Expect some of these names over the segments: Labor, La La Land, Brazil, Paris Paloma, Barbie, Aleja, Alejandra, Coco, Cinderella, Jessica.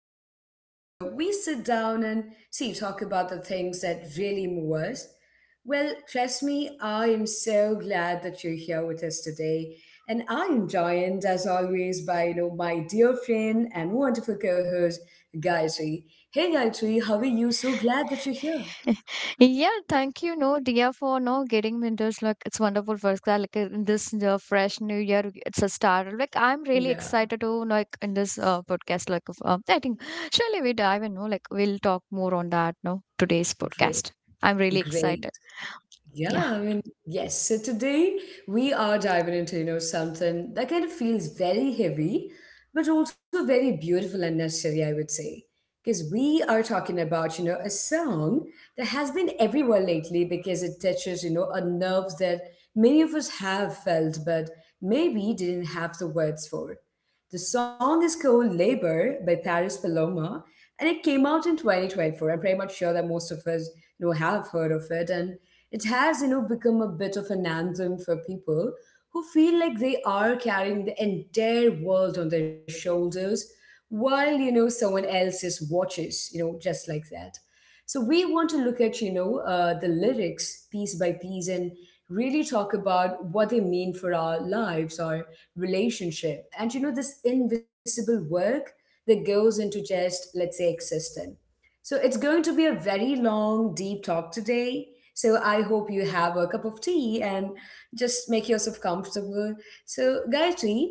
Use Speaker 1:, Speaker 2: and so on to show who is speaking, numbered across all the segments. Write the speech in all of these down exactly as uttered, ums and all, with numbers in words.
Speaker 1: space where we sit down and see, talk about the things that really move us. Well, trust me, I am so glad that you're here with us today. And I am joined, as always, by you know my dear friend and wonderful co-host Gayatri. Hey Gayatri, how are you? So glad that you're here.
Speaker 2: Yeah, thank you, no, dear, for no getting me into this, like it's wonderful first class, like uh, in this uh, fresh new year, it's a start. Like I'm really
Speaker 1: Yeah,
Speaker 2: excited to like in this uh, podcast, like of, uh, I think surely we dive in, no, like we'll talk more on that, no, today's
Speaker 1: great,
Speaker 2: podcast. I'm really
Speaker 1: great.
Speaker 2: excited. Yeah.
Speaker 1: Yeah, I mean, yes. So today we are diving into, you know, something that kind of feels very heavy, but also very beautiful and necessary, I would say. Because we are talking about, you know, a song that has been everywhere lately because it touches, you know, a nerve that many of us have felt, but maybe didn't have the words for. The song is called Labor by Paris Paloma, and it came out in twenty twenty-four. I'm pretty much sure that most of us you know have heard of it, and it has you know become a bit of an anthem for people who feel like they are carrying the entire world on their shoulders while you know someone else's watches, you know just like that. So we want to look at, you know uh, the lyrics piece by piece and really talk about what they mean for our lives, our relationship, and you know this invisible work that goes into, just, let's say, existing. So it's going to be a very long, deep talk today. So I hope you have a cup of tea and just make yourself comfortable. So, Gayatri,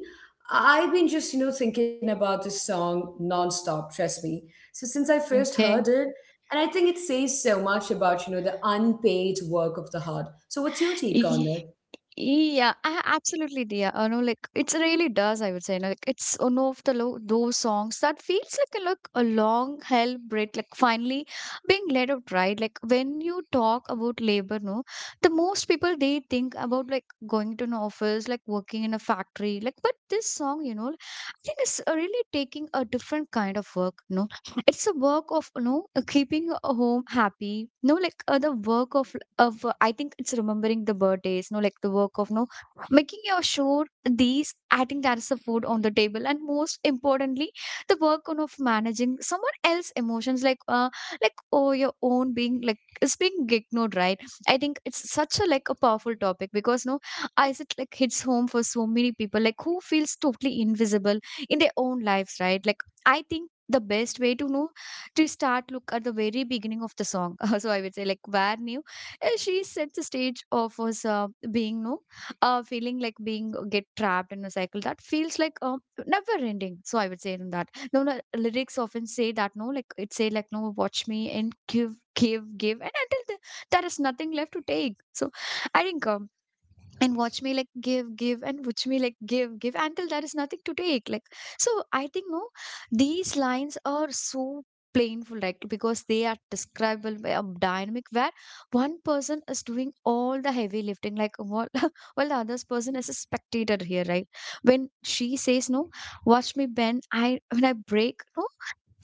Speaker 1: I've been just, you know, thinking about this song nonstop, trust me. So since I first heard
Speaker 2: Okay.
Speaker 1: it, and I think it says so much about, you know, the unpaid work of the heart. So what's your take on it?
Speaker 2: Yeah, a- absolutely, dear. Uh, no, like it really does. I would say, no, like it's one of the lo those songs that feels like a like a long hell breath, like finally being let out, right? Like when you talk about labor, no, the most people they think about like going to an office, like working in a factory, like. But this song, you know, I think it's uh, really taking a different kind of work. No, it's a work of, you know, uh, keeping a home happy. No, like uh, the work of of uh, I think it's remembering the birthdays, no, like the work of no making your sure these I think that is the food on the table, and most importantly, the work on of managing someone else emotions like uh like oh your own being like is being ignored, right? I think it's such a like a powerful topic because no, I it like hits home for so many people like who feels totally invisible in their own lives, right? Like I think the best way to know to start look at the very beginning of the song. So I would say like where new uh, she set the stage of us uh, being no uh, feeling like being uh, get trapped in a cycle that feels like um, never ending. So I would say in that no, no lyrics often say that no, like it say like, no, watch me and give give give and until the, there is nothing left to take. So I think um, and watch me like give give and watch me like give give until there is nothing to take, like. So I think no, these lines are so painful like because they are describable by a dynamic where one person is doing all the heavy lifting, like what. While the other person is a spectator here, right? When she says no, watch me bend I when I break no.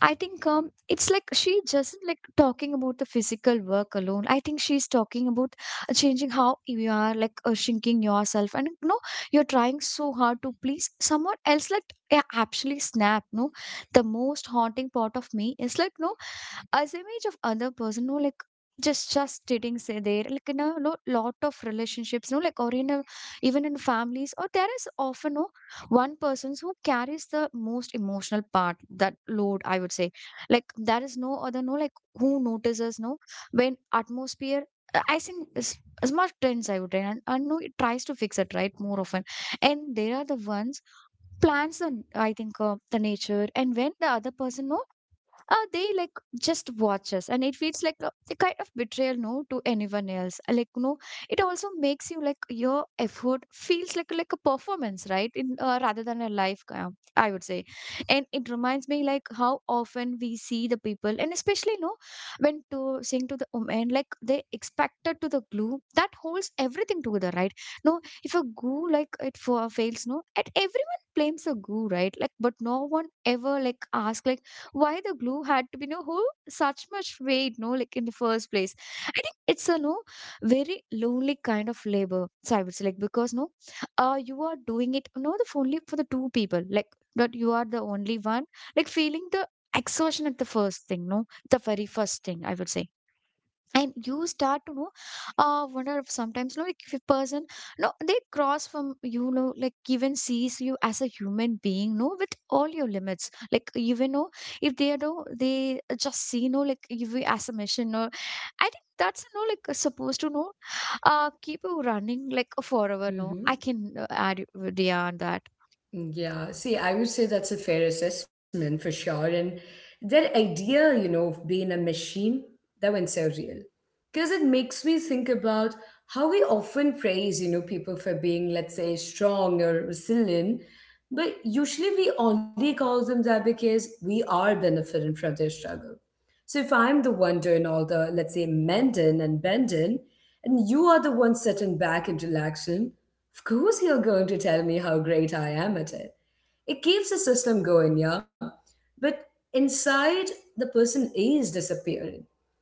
Speaker 2: I think um, it's like she just like talking about the physical work alone. I think she's talking about uh, changing how you are like uh, shrinking yourself, and you know you're trying so hard to please someone else. Like, yeah, actually, snap. No, the most haunting part of me is like no, as image of other person no like just just sitting say there like in a no lot of relationships no like or in a even in families or there is often no one person who carries the most emotional part, that load, I would say. Like there is no other no like who notices no when atmosphere uh, I think is as much trends I would say, and, and no it tries to fix it right more often, and there are the ones plans the I think uh, the nature, and when the other person no uh, they like just watch us, and it feels like a, a kind of betrayal no to anyone else. Uh, like no it also makes you like your effort feels like like a performance right in uh, rather than a life uh, I would say. And it reminds me like how often we see the people, and especially no when to sing to the woman like they expected to the glue that holds everything together, right? No, if a goo like it for fails no and everyone blames the goo, right? Like but no one ever like ask like why the glue had to be no whole such much weight no like in the first place. I think it's a no very lonely kind of labor, so I would say, like because no uh you are doing it no the only for the two people like, but you are the only one like feeling the exhaustion at the first thing no, the very first thing I would say. And you start to know uh wonder if sometimes, you know, like if a person no they cross from, you know, like even sees you as a human being no with all your limits like even know if they know they just see no like you as a mission or I think that's no like supposed to know uh keep you running like forever no. I
Speaker 1: Mm-hmm.
Speaker 2: can uh, add you- yeah on that.
Speaker 1: Yeah, see, I would say that's a fair assessment for sure. And that idea, you know, of being a machine, that one's so real. Because it makes me think about how we often praise, you know, people for being, let's say, strong or resilient. But usually we only call them that because we are benefiting from their struggle. So if I'm the one doing all the, let's say, mending and bending, and you are the one sitting back and relaxing, of course, you're going to tell me how great I am at it. It keeps the system going, yeah? But inside, the person is disappearing.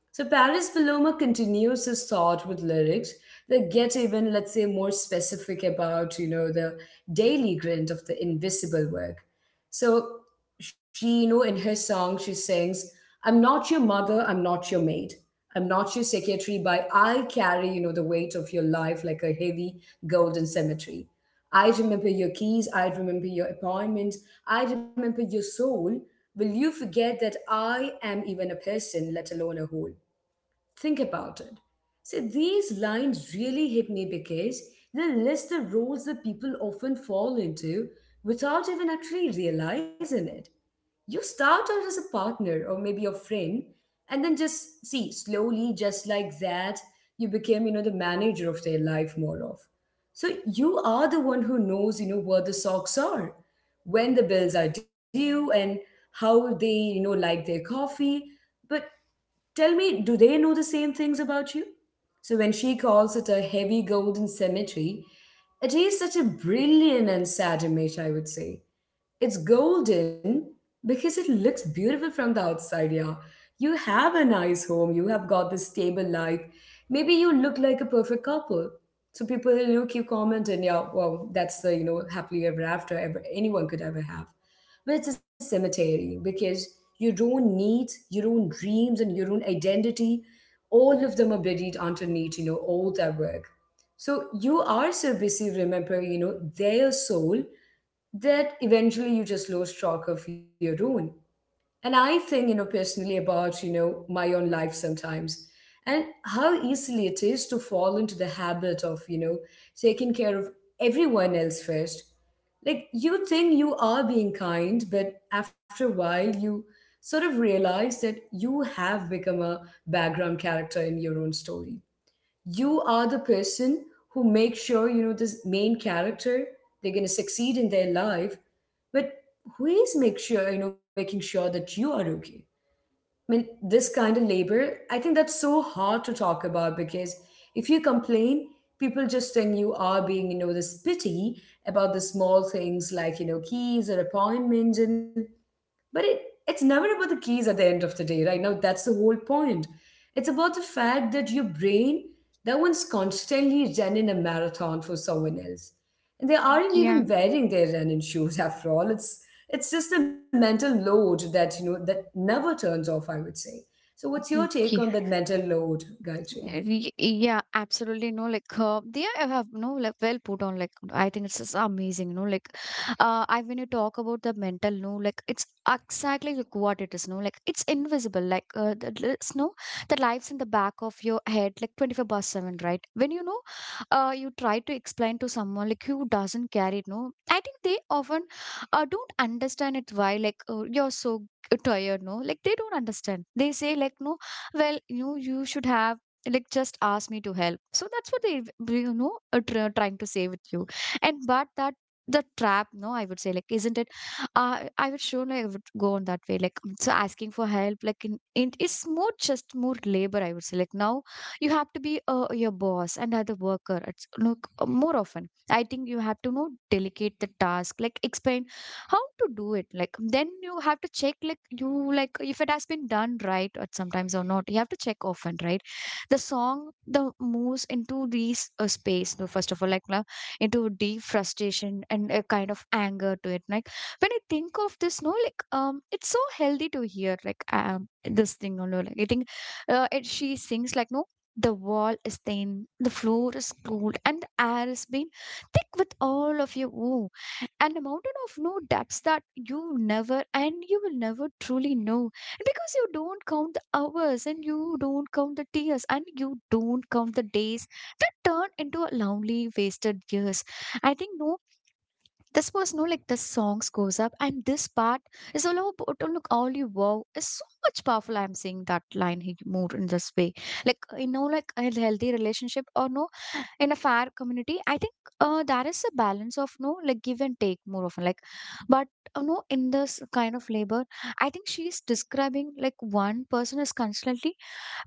Speaker 1: So Paris Paloma continues his thought with lyrics that get even, let's say, more specific about, you know, the daily grind of the invisible work. So she, you know, in her song, she sings, I'm not your mother, I'm not your maid. I'm not your secretary, but I carry, you know, the weight of your life like a heavy golden cemetery. I remember your keys, I remember your appointment, I remember your soul. Will you forget that I am even a person, let alone a whole? Think about it. See, these lines really hit me because they list the roles that people often fall into without even actually realizing it. You start out as a partner or maybe a friend, and then just see, slowly, just like that, you became, you know, the manager of their life more of. So you are the one who knows, you know, where the socks are, when the bills are due, and how they, you know, like their coffee. But Tell me, do they know the same things about you? So when she calls it a heavy golden cemetery, it is such a brilliant and sad image, I would say. It's golden because it looks beautiful from the outside, yeah. You have a nice home, you have got this stable life. Maybe you look like a perfect couple. So people, you know, keep commenting, yeah, well, that's the, you know, happily ever after ever anyone could ever have. But it's a cemetery because your own needs, your own dreams, and your own identity, all of them are buried underneath, you know, all that work. So you are so busy, remember, you know, their soul, that eventually you just lose track of your own. And I think, you know, personally about, you know, my own life sometimes and how easily it is to fall into the habit of, you know, taking care of everyone else first. Like you think you are being kind, but after a while you sort of realize that you have become a background character in your own story. You are the person who makes sure, you know, this main character, they're going to succeed in their life, but who is make sure you know making sure that you are okay? I mean, this kind of labor, I think that's so hard to talk about because if you complain, people just think you are being, you know, this pity about the small things like, you know, keys or appointments, and but it, it's never about the keys at the end of the day, right? Now, that's the whole point. It's about the fact that your brain, that one's constantly running a marathon for someone else. And they aren't
Speaker 2: Yeah.
Speaker 1: even wearing their running shoes after all. It's it's just a mental load that, you know, that never turns off, I would say. So what's your take on
Speaker 2: Okay.
Speaker 1: that mental load, Gayatri?
Speaker 2: Eh, Y- Yeah, absolutely. No, like uh, they are- have no like well put on. Like I think it's just amazing. No, like uh, I when you talk about the mental, no, like it's exactly like what it is. No, like it's invisible. Like uh, the, the- it's no the lives in the back of your head, like twenty four by seven, right? When you know, uh, you try to explain to someone like who doesn't carry it. No, I think they often uh, don't understand it. Why like uh, you're so tired? No, like they don't understand. They say like, no, well, you you should have, like, just ask me to help, so that's what they w- you know are tr- trying to say with you, and but that the trap no I would say like, isn't it? uh, I would sure like, I would go on that way like um, so asking for help like in, in it's more just more labor I would say like now. You have to be uh, your boss and other worker, it's look uh, more often I think you have to know delegate the task like explain how to do it, like then you have to check like you like if it has been done right at sometimes or not, you have to check often, right? The song, the moves into these uh, space no, first of all like no, into deep frustration and a kind of anger to it. Like when I think of this no like um it's so healthy to hear like um this thing no, no, like I think uh, it, she sings like no, the wall is thin, the floor is cold, and the air has been thick with all of you. Ooh, and a mountain of no depths that you never and you will never truly know. And because you don't count the hours and you don't count the tears and you don't count the days that turn into a lonely wasted years. I think no, this was no like the songs goes up, and this part is all about oh, look all you wow is so much powerful. I'm seeing that line he moved in this way, like you know, like a healthy relationship, or no in a fair community I think uh, there is a balance of no like give and take more often, like. But uh, no in this kind of labor I think she is describing like one person is constantly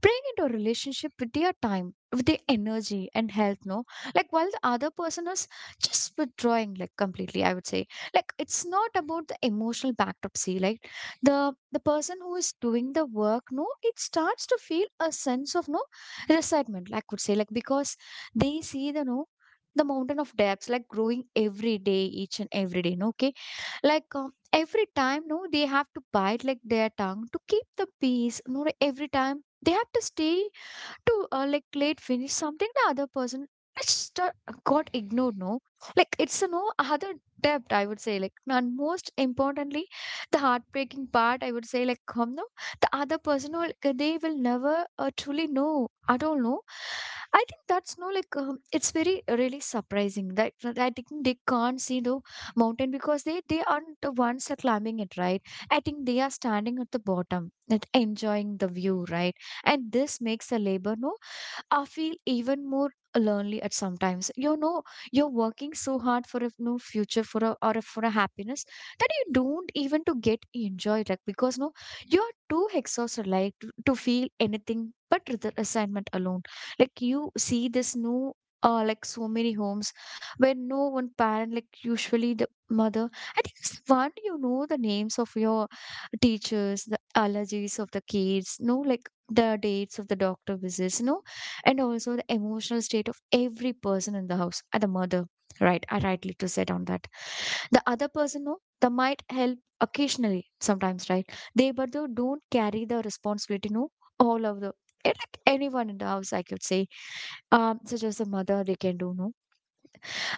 Speaker 2: bring into a relationship with their time, with their energy and health, no, like while the other person is just withdrawing, like completely, I would say. Like it's not about the emotional backdrop. See, like the the person who is doing the work no it starts to feel a sense of no resentment, I could say, like because they see the no the mountain of debts like growing every day, each and every day, no. Okay, like um, every time no they have to bite like their tongue to keep the peace no, every time they have to stay to uh, like late finish something, the other person just uh, got ignored no. Like it's a no other depth I would say, like, and most importantly the heartbreaking part I would say like um, no the other person will, like, they will never uh, truly know at all no. I think that's no like um, it's very uh, really surprising that that I think they can't see the mountain because they they aren't the ones are climbing it, right? I think they are standing at the bottom and enjoying the view, right? And this makes the labor no, I feel even more lonely at sometimes. You know, you're working so hard for a no future for a or a, for a happiness that you don't even to get enjoy, like because no, you're too exhausted like to, to feel anything but the assignment alone. Like you see this no. Uh, like so many homes where no one parent, like usually the mother, I think it's fun, you know the names of your teachers, the allergies of the kids, no, like the dates of the doctor visits, no, and also the emotional state of every person in the house and the mother, right I rightly to said on that. The other person, no, they might help occasionally sometimes, right, they but they don't carry the responsibility, no, all of the eh, like anyone in the house, I could say um, such as the mother, they can do, no.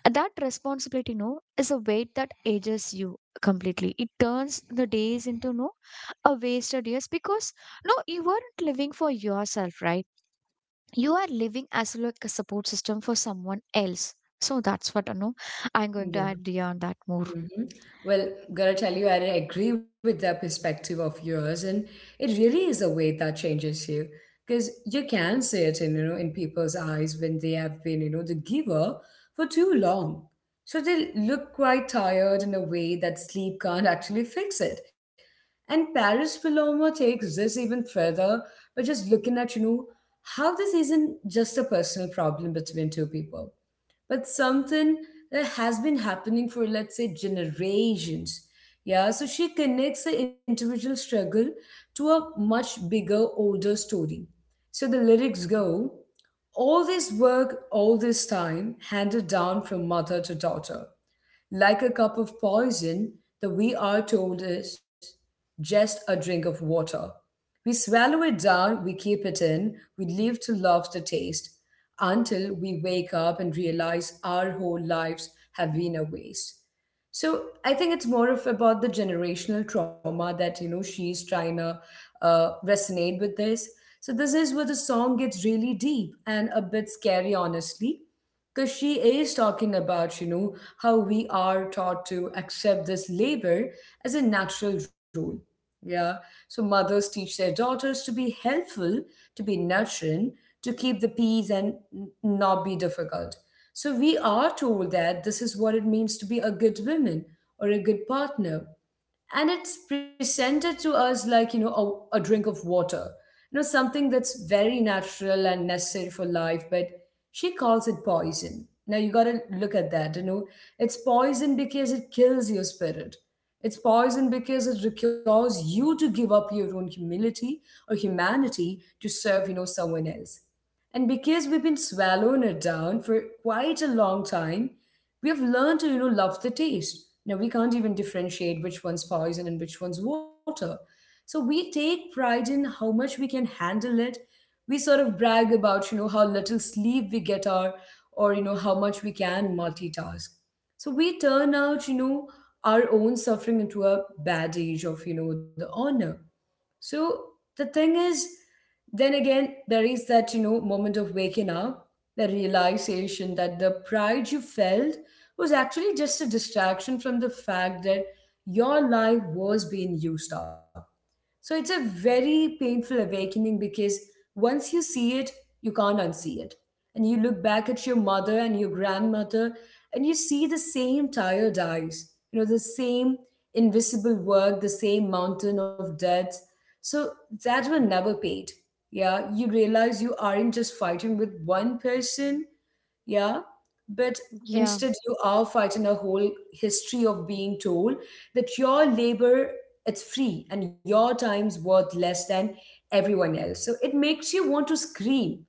Speaker 2: And that responsibility, no, is a weight that ages you completely. It turns the days into, no, a wasted years, because no, you weren't living for yourself, right. You are living as like a support system for someone else. So that's what I know, I'm going to add on that more.
Speaker 1: Hmm. Well, gotta tell you, I agree with that perspective of yours, and it really is a way that changes you, because you can see it in, you know, in people's eyes when they have been, you know, the giver for too long, so they look quite tired in a way that sleep can't actually fix it. And Paris Paloma takes this even further by just looking at, you know, how this isn't just a personal problem between two people, but something that has been happening for, let's say, generations. Yeah, so she connects the individual struggle to a much bigger, older story. So the lyrics go, all this work, all this time, handed down from mother to daughter. Like a cup of poison, the we are told is just a drink of water. We swallow it down, we keep it in, we live to love the taste until we wake up and realize our whole lives have been a waste. So I think it's more of about the generational trauma that, you know, she's trying to uh, resonate with this. So this is where the song gets really deep and a bit scary, honestly, because she is talking about, you know, how we are taught to accept this labor as a natural rule, yeah? So mothers teach their daughters to be helpful, to be nurturing, to keep the peace, and n- not be difficult. So we are told that this is what it means to be a good woman or a good partner, and it's presented to us like, you know, a, a drink of water, you know, something that's very natural and necessary for life. But she calls it poison. Now you got to look at that, you know, it's poison because it kills your spirit. It's poison because it requires you to give up your own humility or humanity to serve, you know, someone else. And because we've been swallowing it down for quite a long time, we have learned to, you know, love the taste. Now we can't even differentiate which one's poison and which one's water. So we take pride in how much we can handle it. We sort of brag about, you know, how little sleep we get our, or you know how much we can multitask. So we turn out, you know, our own suffering into a badge of, you know, the honor. So the thing is, then again, there is that, you know, moment of waking up, the realization that the pride you felt was actually just a distraction from the fact that your life was being used up. So it's a very painful awakening because once you see it, you can't unsee it. And you look back at your mother and your grandmother and you see the same tired eyes, you know, the same invisible work, the same mountain of debt. So that will never paid. Yeah, you realize you aren't just fighting with one person, yeah. But
Speaker 2: Yeah.
Speaker 1: instead, you are fighting a whole history of being told that your labor, it's free, and your time's worth less than everyone else. So it makes you want to scream.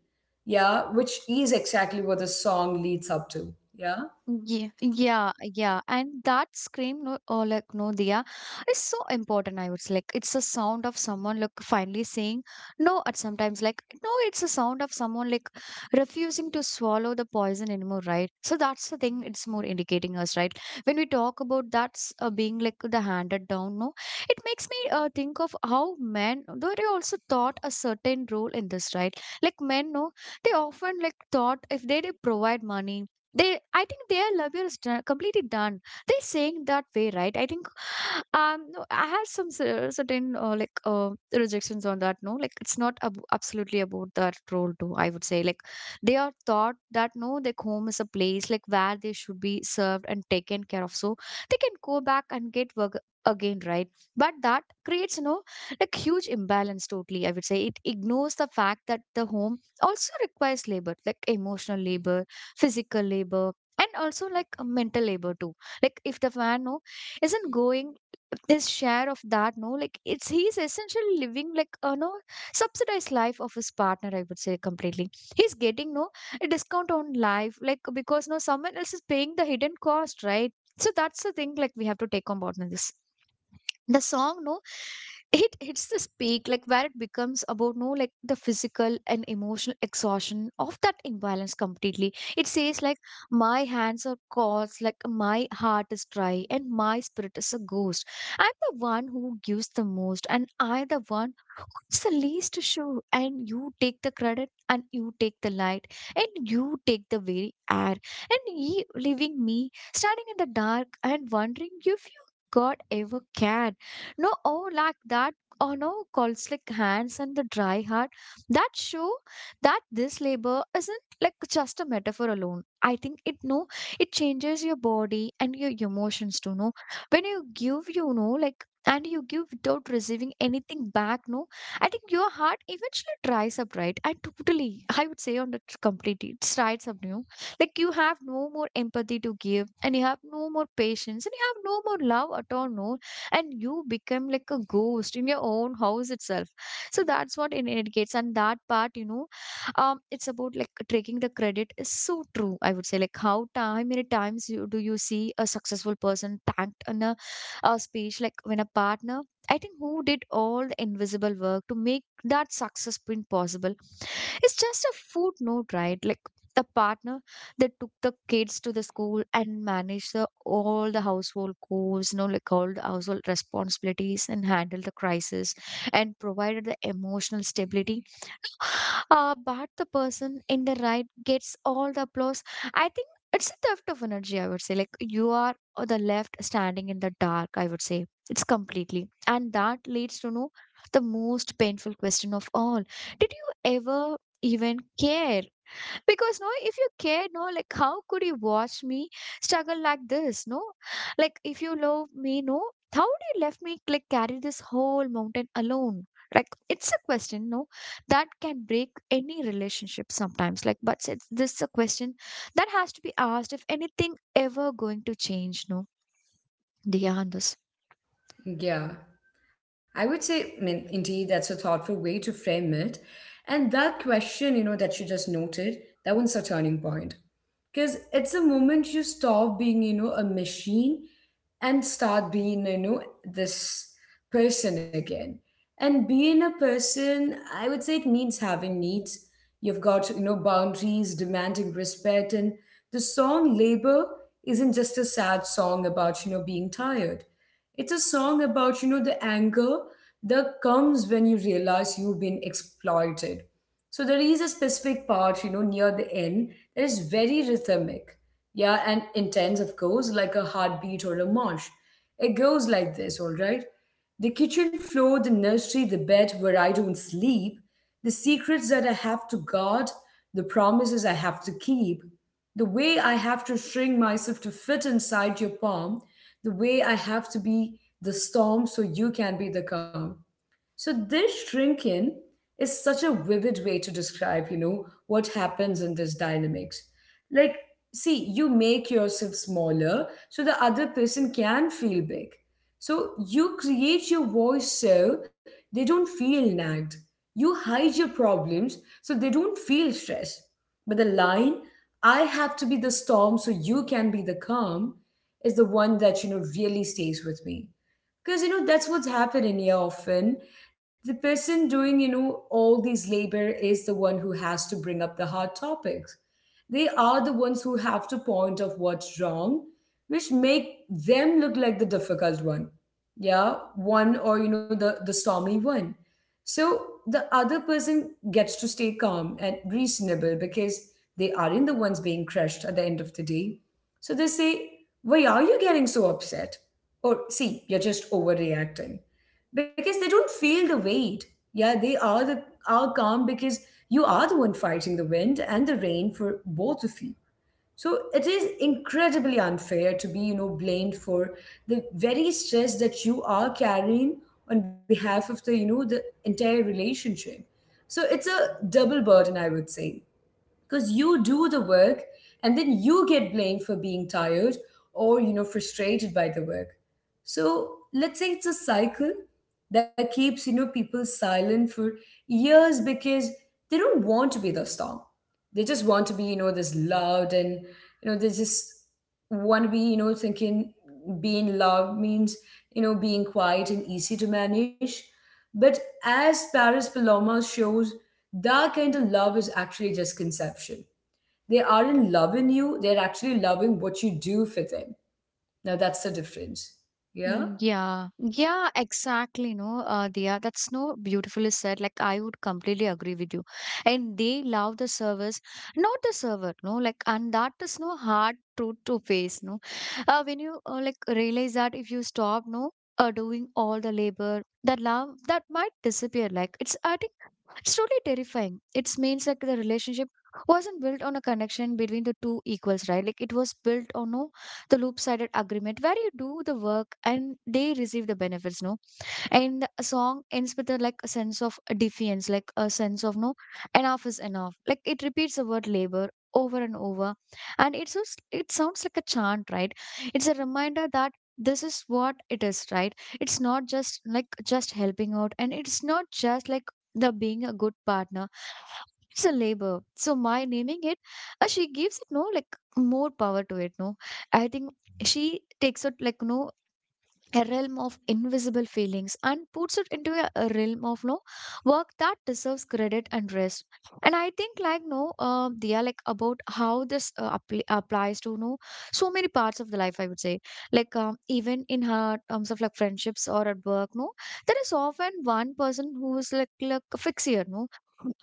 Speaker 1: Yeah, which is exactly what the song leads up to. Yeah.
Speaker 2: Yeah, yeah, yeah, and that scream, no, or like no, Diya, is so important. I would say, like, it's a sound of someone like finally saying no. At sometimes, like, no, it's a sound of someone like refusing to swallow the poison anymore, right? So that's the thing. It's more indicating us, right? When we talk about that's uh, being like the handed down, no, it makes me uh, think of how men, though they also thought a certain role in this, right? Like men, no, they often like thought if they, they provide money, they I think their love is done, completely done, they saying that way, right I think. um no, I have some cer- certain uh, like uh, rejections on that, no, like it's not ab- absolutely about that role too, I would say like they are taught that, no, their home is a place like where they should be served and taken care of, so they can go back and get work again, right. But that creates no like huge imbalance totally, I would say. It ignores the fact that the home also requires labor, like emotional labor, physical labor, and also like uh, mental labor too. Like if the man, no, isn't going his share of that, no, like it's he's essentially living like a, no, subsidized life of his partner, I would say completely. He's getting, no, a discount on life, like because, no, someone else is paying the hidden cost, right. So that's the thing, like we have to take on board in this. The song, no, it hits this peak like where it becomes about, no, like the physical and emotional exhaustion of that imbalance completely. It says like my hands are cold, like my heart is dry and my spirit is a ghost. I'm the one who gives the most and I'm the one who's the least to show. And you take the credit and you take the light and you take the very air, and ye leaving me standing in the dark and wondering if you god ever cared. No, oh, like that, or no, cold slick hands and the dry heart, that show that this labor isn't like just a metaphor alone. I think it, no, it changes your body and your emotions too, no. When you give, you know, like, and you give without receiving anything back, no, I think your heart eventually dries up, right, and totally. I would say on the t- completely it dries up, you know? Like you have no more empathy to give, and you have no more patience, and you have no more love at all, no. And you become like a ghost in your own house itself. So that's what it indicates. And that part, you know um it's about like taking the credit is so true. I would say, like, how time many times you do you see a successful person thanked in a, a speech, like when a partner, I think, who did all the invisible work to make that success print possible, it's just a footnote, right? Like the partner that took the kids to the school and managed the, all the household chores, you know, like all the household responsibilities, and handled the crisis, and provided the emotional stability, uh, but the person in the right gets all the applause. I think it's a theft of energy, I would say. Like you are on the left standing in the dark, I would say. It's completely. And that leads to know the most painful question of all. Did you ever even care? Because no, if you care, no, like how could you watch me struggle like this, no, like if you love me, no, how do you left me like carry this whole mountain alone? Like it's a question, no, that can break any relationship sometimes, like, but it's, this is a question that has to be asked if anything ever going to change, no, Diyandos.
Speaker 1: Yeah. I would say, I mean, indeed, that's a thoughtful way to frame it. And that question, you know, that you just noted, that one's a turning point. Because it's a moment you stop being you know a machine and start being you know this person again. And being a person, I would say, it means having needs. You've got you know boundaries, demanding respect. And the song Labor isn't just a sad song about you know being tired. It's a song about you know the anger that comes when you realize you've been exploited. So there is a specific part, you know, near the end, that is very rhythmic, yeah, and intense, of course, like a heartbeat or a march. It goes like this, all right? The kitchen floor, the nursery, the bed where I don't sleep, the secrets that I have to guard, the promises I have to keep, the way I have to shrink myself to fit inside your palm, the way I have to be the storm so you can be the calm. So this shrinking is such a vivid way to describe, you know, what happens in this dynamics. Like, see, you make yourself smaller so the other person can feel big. So you create your voice so they don't feel nagged. You hide your problems so they don't feel stressed. But the line, I have to be the storm so you can be the calm, is the one that, you know, really stays with me, because you know that's what's happening here often. The person doing you know all these labor is the one who has to bring up the hard topics. They are the ones who have to point of what's wrong, which make them look like the difficult one. Yeah, one, or you know the the stormy one. So the other person gets to stay calm and reasonable, because they aren't the ones being crushed at the end of the day. So they say, why are you getting so upset, or see, you're just overreacting, because they don't feel the weight. Yeah, they are the are calm because you are the one fighting the wind and the rain for both of you. So it is incredibly unfair to be, you know, blamed for the very stress that you are carrying on behalf of the, you know, the entire relationship. So it's a double burden, I would say, because you do the work and then you get blamed for being tired or you know frustrated by the work. So let's say it's a cycle that keeps you know people silent for years, because they don't want to be the storm. They just want to be you know this loved and you know they just want to be you know thinking being loved means you know being quiet and easy to manage. But as Paris Paloma shows, that kind of love is actually just conception. They aren't loving you, they're actually loving what you do for them. Now that's the difference. Yeah.
Speaker 2: Mm. Yeah, yeah, exactly. No, uh, Dia, that's no beautifully said. Like, I would completely agree with you. And they love the service, not the server, no, like, and that is no hard truth to face, no. Uh, when you uh, like realize that if you stop, no, uh, doing all the labor, the love that might disappear. Like, it's, I think it's truly terrifying. It means like the relationship wasn't built on a connection between the two equals, right? Like it was built on no, the loop sided agreement where you do the work and they receive the benefits, no? And the song ends with a like a sense of defiance, like a sense of no, enough is enough. Like it repeats the word labor over and over, and it's just, it sounds like a chant, right. It's a reminder that this is what it is, right. It's not just like just helping out, and it's not just like the being a good partner. It's a labor. So my naming it, uh, she gives it no like more power to it, no. I think she takes it like, no, a realm of invisible feelings, and puts it into a, a realm of, no, work that deserves credit and rest. And I think like no, uh, they are like about how this uh, appli applies to no so many parts of the life, I would say. Like um, even in her terms of like friendships or at work, no, there is often one person who is like like a fixer, no,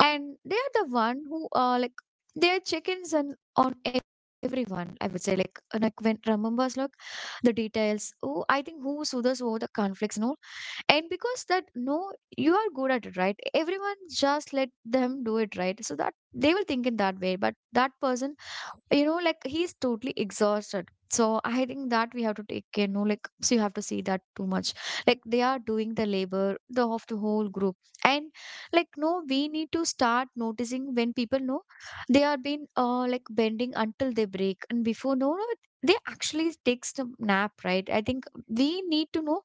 Speaker 2: and they are the one who uh, like they are chickens and on everyone, I would say, like uh, like when remembers like the details. Oh, I think who soothes over the conflicts, no? And because that, no, you are good at it, right, everyone just let them do it, right, so that they will think in that way. But that person, you know, like he's totally exhausted. So I think that we have to take care, no, like so you have to see that too much, like they are doing the labor, the of the whole group. And like no, we need to start noticing when people know they are being uh, like bending until they break, and before no no they actually takes a nap, right. I think we need to know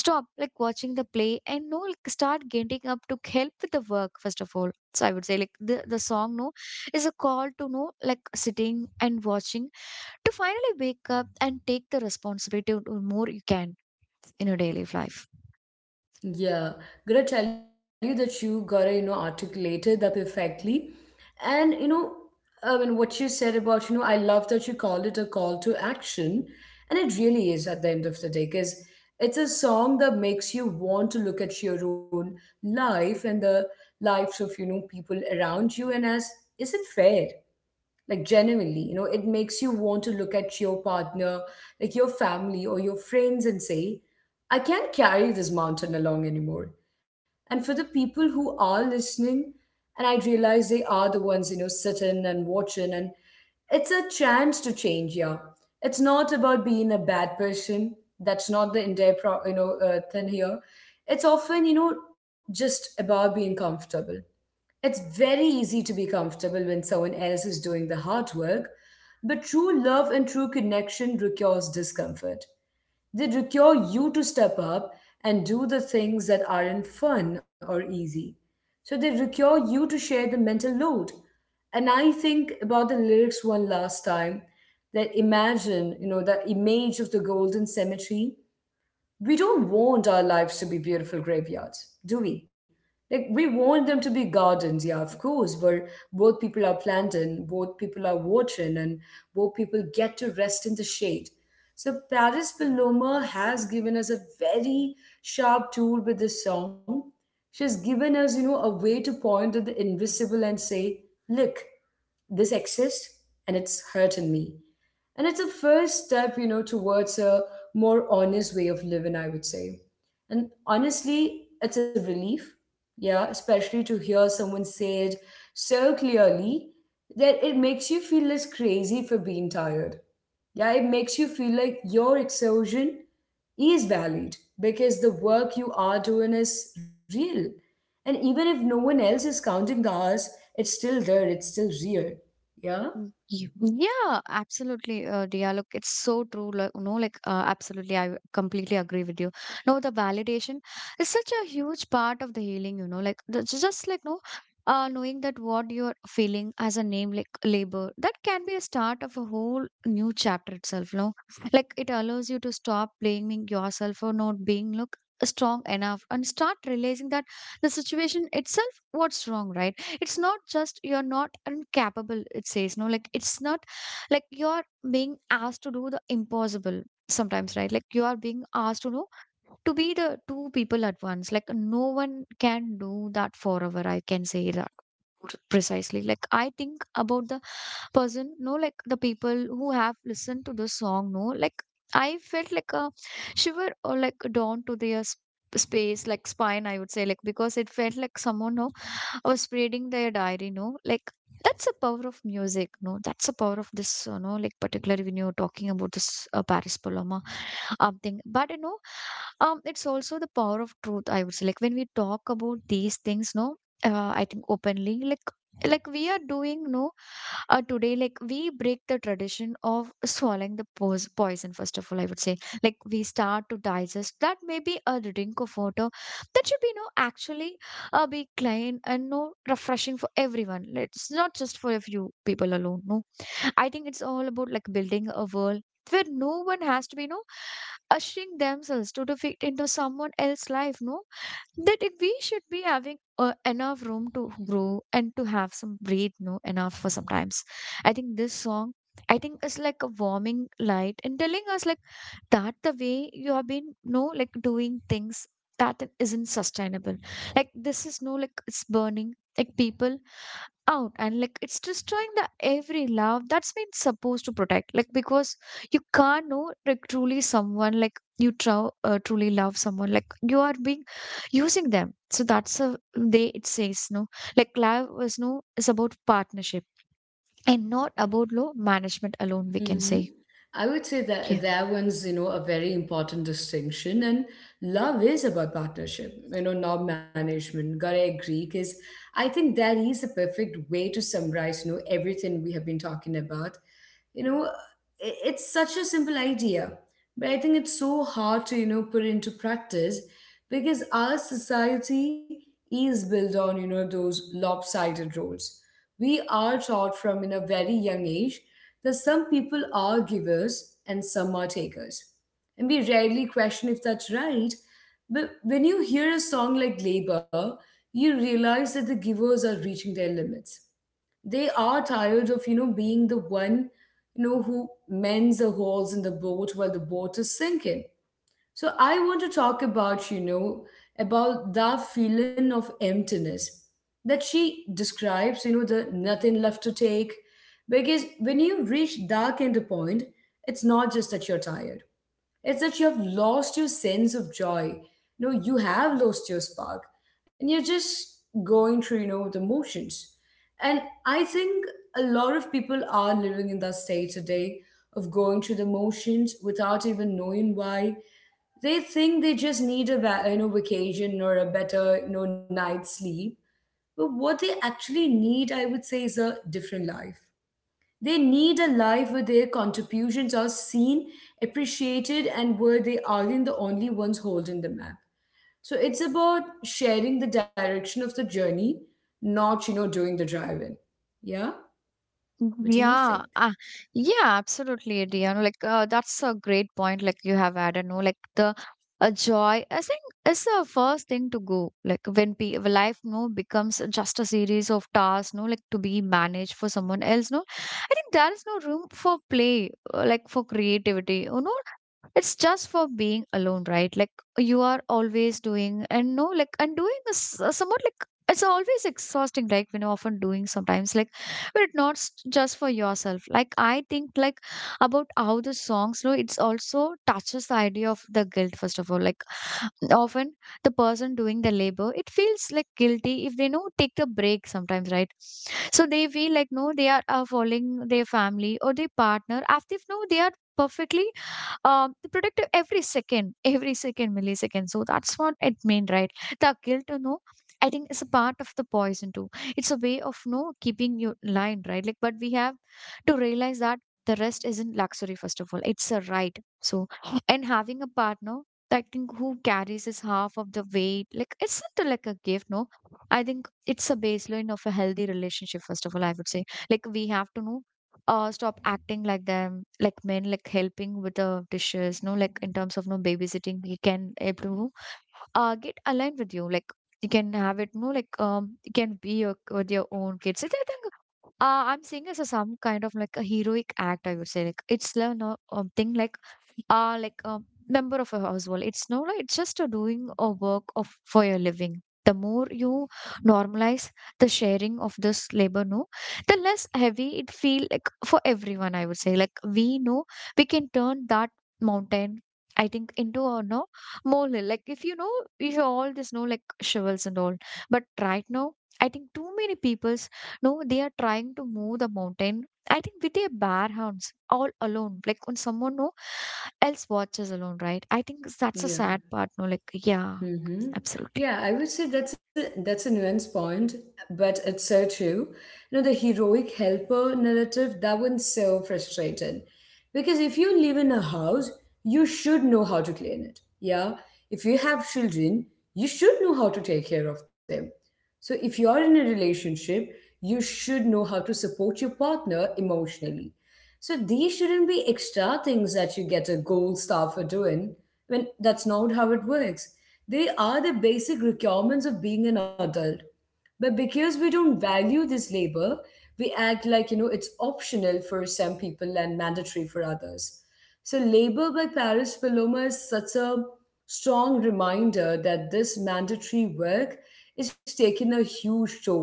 Speaker 2: stop like watching the play, and no, like start getting up to help with the work first of all. So I would say like the, the song, no, is a call to know, like sitting and watching, to finally wake up and take the responsibility to more you can in your daily life.
Speaker 1: Yeah, gonna tell you that you gotta, you know, articulated that perfectly. And, you know, I mean, what you said about, you know, I love that you called it a call to action. And it really is at the end of the day, because it's a song that makes you want to look at your own life and the lives of, you know, people around you. And as, is it fair? Like, genuinely, you know, it makes you want to look at your partner, like your family or your friends, and say, I can't carry this mountain along anymore. And for the people who are listening and I realize they are the ones you know sitting and watching, and it's a chance to change. Yeah, it's not about being a bad person. That's not the entire pro- you know uh, thing here. It's often, you know, just about being comfortable. It's very easy to be comfortable when someone else is doing the hard work, but true love and true connection requires discomfort. They require you to step up and do the things that aren't fun or easy. So they require you to share the mental load. And I think about the lyrics one last time, that imagine, you know, that image of the golden cemetery. We don't want our lives to be beautiful graveyards, do we? Like, we want them to be gardens, yeah, of course, where both people are planting, both people are watering, and both people get to rest in the shade. So, Paris Paloma has given us a very sharp tool with this song. She's given us, you know, a way to point at the invisible and say, look, this exists and it's hurting me. And it's a first step, you know, towards a more honest way of living, I would say. And honestly, it's a relief, yeah, especially to hear someone say it so clearly that it makes you feel less crazy for being tired. Yeah, it makes you feel like your exhaustion is valid because the work you are doing is real. And even if no one else is counting the hours, it's still there, it's still real. Yeah?
Speaker 2: Y- y- Yeah, absolutely, uh, Dia. Look, it's so true. Like, no, like, uh, absolutely, I w- completely agree with you. No, the validation is such a huge part of the healing, you know, like, the, ju- just like, no, uh, knowing that what you're feeling as a name, like labor, that can be a start of a whole new chapter itself, no? Like, it allows you to stop blaming yourself for not being, look, strong enough, and start realizing that the situation itself, what's wrong, right? It's not just you're not incapable, it says, no, like, it's not like you're being asked to do the impossible sometimes, right? Like, you are being asked to know to be the two people at once. Like, no one can do that forever, I can say that pr- precisely. Like, I think about the person, no, like the people who have listened to the song, no, like I felt like a shiver or like down to their s- space, like spine, I would say, like because it felt like someone, no, or spreading their diary, no, like that's the power of music, no, that's the power of this, you know, like particularly when you're talking about this uh, Paris Paloma um thing, but you know, um it's also the power of truth, I would say, like when we talk about these things, no, uh, I think openly, like like we are doing, no, uh, today. Like, we break the tradition of swallowing the pos- poison, first of all, I would say. Like, we start to digest that. Maybe a drink of water that should be, no, actually, a big client and no refreshing for everyone. Like, it's not just for a few people alone. No, I think it's all about like building a world where no one has to be, no, ushering themselves to the fit into someone else's life. No, that if we should be having uh, enough room to grow and to have some breathe. No, enough for sometimes. I think this song, I think, it's like a warming light and telling us like that the way you have been, no, like doing things that isn't sustainable, like this is, no, like it's burning like people out, and like it's destroying the every love that's been supposed to protect, like because you can't know like truly someone, like you tru- uh, truly love someone, like you are being using them, so that's a way it says, no, like love is, no, is about partnership and not about low management alone, we can
Speaker 1: Mm-hmm.
Speaker 2: say.
Speaker 1: I would say that that one's, you know, a very important distinction. And love is about partnership, you know, not management. Gotta agree, because I think that is the perfect way to summarize, you know, everything we have been talking about. You know, I- it's such a simple idea. But I think it's so hard to, you know, put into practice because our society is built on, you know, those lopsided roles. We are taught from in a very young age that some people are givers and some are takers. And we rarely question if that's right. But when you hear a song like Labor, you realize that the givers are reaching their limits. They are tired of you know being the one you know who mends the holes in the boat while the boat is sinking. So I want to talk about, you know, about that feeling of emptiness that she describes, you know, the nothing left to take. Because when you reach that kind of point, it's not just that you're tired. It's that you have lost your sense of joy. No, you have lost your spark. And you're just going through, you know, the motions. And I think a lot of people are living in that state today, of going through the motions without even knowing why. They think they just need a va- you know vacation or a better you know night's sleep. But what they actually need, I would say, is a different life. They need a life where their contributions are seen, appreciated, and where they aren't the only ones holding the map. So it's about sharing the direction of the journey, not you know doing the driving. Yeah. What do you think?
Speaker 2: Yeah, uh, yeah, absolutely, Dion. Like, uh, that's a great point. Like, you have added, no, like the uh, joy, I think, is the first thing to go. Like, when pe when life, no, becomes just a series of tasks, no, like to be managed for someone else, no, I think there is no room for play, uh, like for creativity. You know, it's just for being alone, right? Like, you are always doing, and no, like, and doing is uh, somewhat, like it's always exhausting, like when you're often doing sometimes, like but it's not s- just for yourself, like I think, like about how the songs, you know, it's also touches the idea of the guilt, first of all. Like, often the person doing the labor, it feels like guilty if they no take the break sometimes, right? So they feel like, no, they are uh, following their family or their partner after if no they are perfectly um, to protect every second, every second, millisecond. So that's what it means, right? The guilt, you know, I think, is a part of the poison too. It's a way of no keeping you line, right? Like, but we have to realize that the rest isn't luxury, first of all. It's a right. So, and having a partner, I think, who carries his half of the weight, like it's not like a gift, no. I think it's a baseline of a healthy relationship, first of all, I would say. Like, we have to know uh stop acting like them, like men, like helping with the dishes, no, like, in terms of no babysitting, he can able to uh get aligned with you, like you can have it, no, like, um you can be your, with your own kids. So I think, uh, I'm seeing as a some kind of like a heroic act, I would say, like it's like no um, thing, like are like a member of a household. It's no, like, it's just a doing a work of for your living. The more you normalize the sharing of this labor, no, the less heavy it feel like for everyone, I would say. Like, we know we can turn that mountain, I think, into a no molehill. Like, if you know, if you all this know like shovels and all, but right now, I think too many people's, no, they are trying to move the mountain, I think, with their bare hands, all alone, like on someone no else watches alone, right? I think that's a
Speaker 1: Yeah.
Speaker 2: sad part, no? Like, yeah,
Speaker 1: Mm-hmm.
Speaker 2: absolutely.
Speaker 1: Yeah, I would say that's a that's a nuance point, but it's so true. You know, the heroic helper narrative, that one's so frustrating. Because if you live in a house, you should know how to clean it. Yeah. If you have children, you should know how to take care of them. So if you are in a relationship, you should know how to support your partner emotionally. So these shouldn't be extra things that you get a gold star for doing when that's not how it works. They are the basic requirements of being an adult. But because we don't value this labor, we act like, you know, it's optional for some people and mandatory for others. So, Labor by Paris Paloma is such a strong reminder that this mandatory work is taking a huge toll.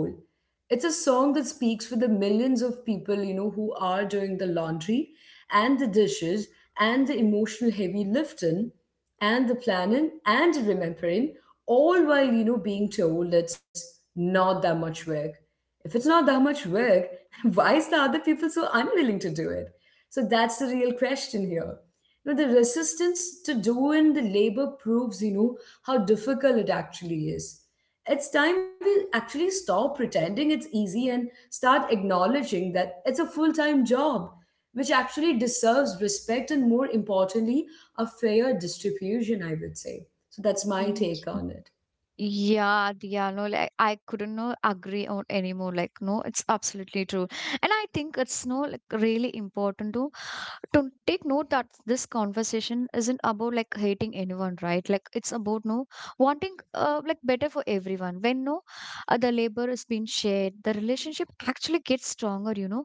Speaker 1: It's a song that speaks for the millions of people you know who are doing the laundry and the dishes and the emotional heavy lifting and the planning and remembering, all while you know being told it's not that much work. If it's not that much work, why is the other people so unwilling to do it? So that's the real question here. You know, the resistance to doing the labor proves, you know, how difficult it actually is. It's time we actually stop pretending it's easy and start acknowledging that it's a full time job, which actually deserves respect and, more importantly, a fair distribution, I would say. So that's my
Speaker 2: Mhm.
Speaker 1: take on it.
Speaker 2: Yeah, yeah, no, like I couldn't no agree on anymore. Like, no, it's absolutely true. And I think it's no like really important to to take note that this conversation isn't about like hating anyone, right? Like, it's about no wanting uh like better for everyone. When no uh, the labor is being shared, the relationship actually gets stronger, you know.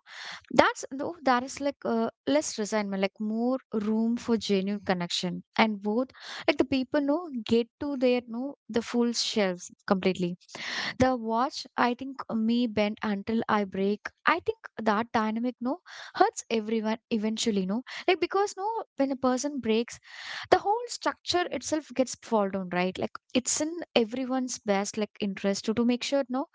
Speaker 2: That's though that is like uh, less resentment, like more room for genuine connection, and both like the people know get to their know the full shelves completely. The watch, I think, me bent until I break. I think that dynamic no hurts everyone eventually, no, like because no when a person breaks, the whole structure itself gets fall down, right? Like, it's in everyone's best like interest to, to make sure no